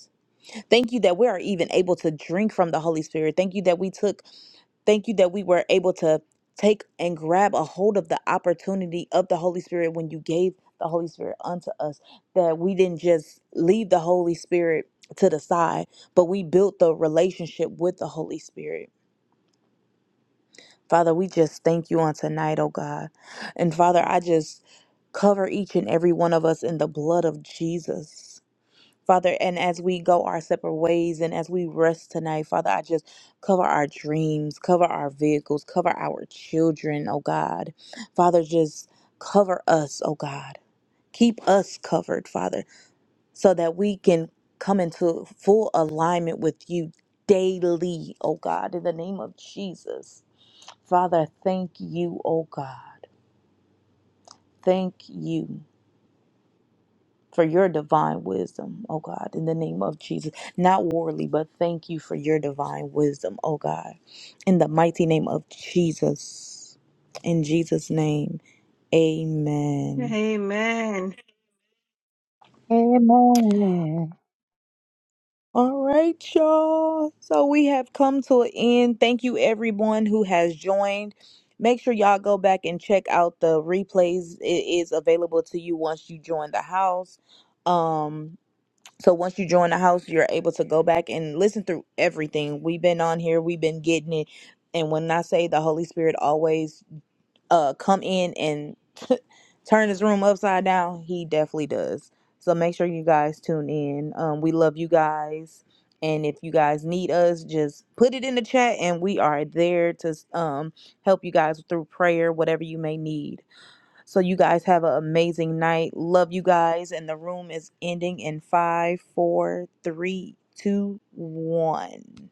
Speaker 2: Thank you that we are even able to drink from the Holy Spirit. Thank you that we took, thank you that we were able to take and grab a hold of the opportunity of the Holy Spirit when you gave the Holy Spirit unto us, that we didn't just leave the Holy Spirit to the side, but we built the relationship with the Holy Spirit. Father, we just thank you on tonight, oh God. And Father, I just cover each and every one of us in the blood of Jesus. Father, and as we go our separate ways and as we rest tonight, Father, I just cover our dreams, cover our vehicles, cover our children, oh God. Father, just cover us, oh God. Keep us covered, Father, so that we can come into full alignment with you daily, oh God, in the name of Jesus. Father, thank you, oh God. Thank you. for your divine wisdom, oh God, in the name of Jesus. Not worldly, but thank you for your divine wisdom, oh God, in the mighty name of Jesus. In Jesus' name, amen.
Speaker 5: Amen.
Speaker 1: Amen.
Speaker 2: All right, y'all. So we have come to an end. Thank you, everyone who has joined. Make sure y'all go back and check out the replays. It is available to you once you join the house. Um, So once you join the house, you're able to go back and listen through everything. We've been on here, we've been getting it. And when I say the Holy Spirit always uh come in and [LAUGHS] turn his room upside down, he definitely does. So make sure you guys tune in. Um we love you guys. And if you guys need us, just put it in the chat and we are there to um help you guys through prayer, whatever you may need. So you guys have an amazing night. Love you guys. And the room is ending in five, four, three, two, one.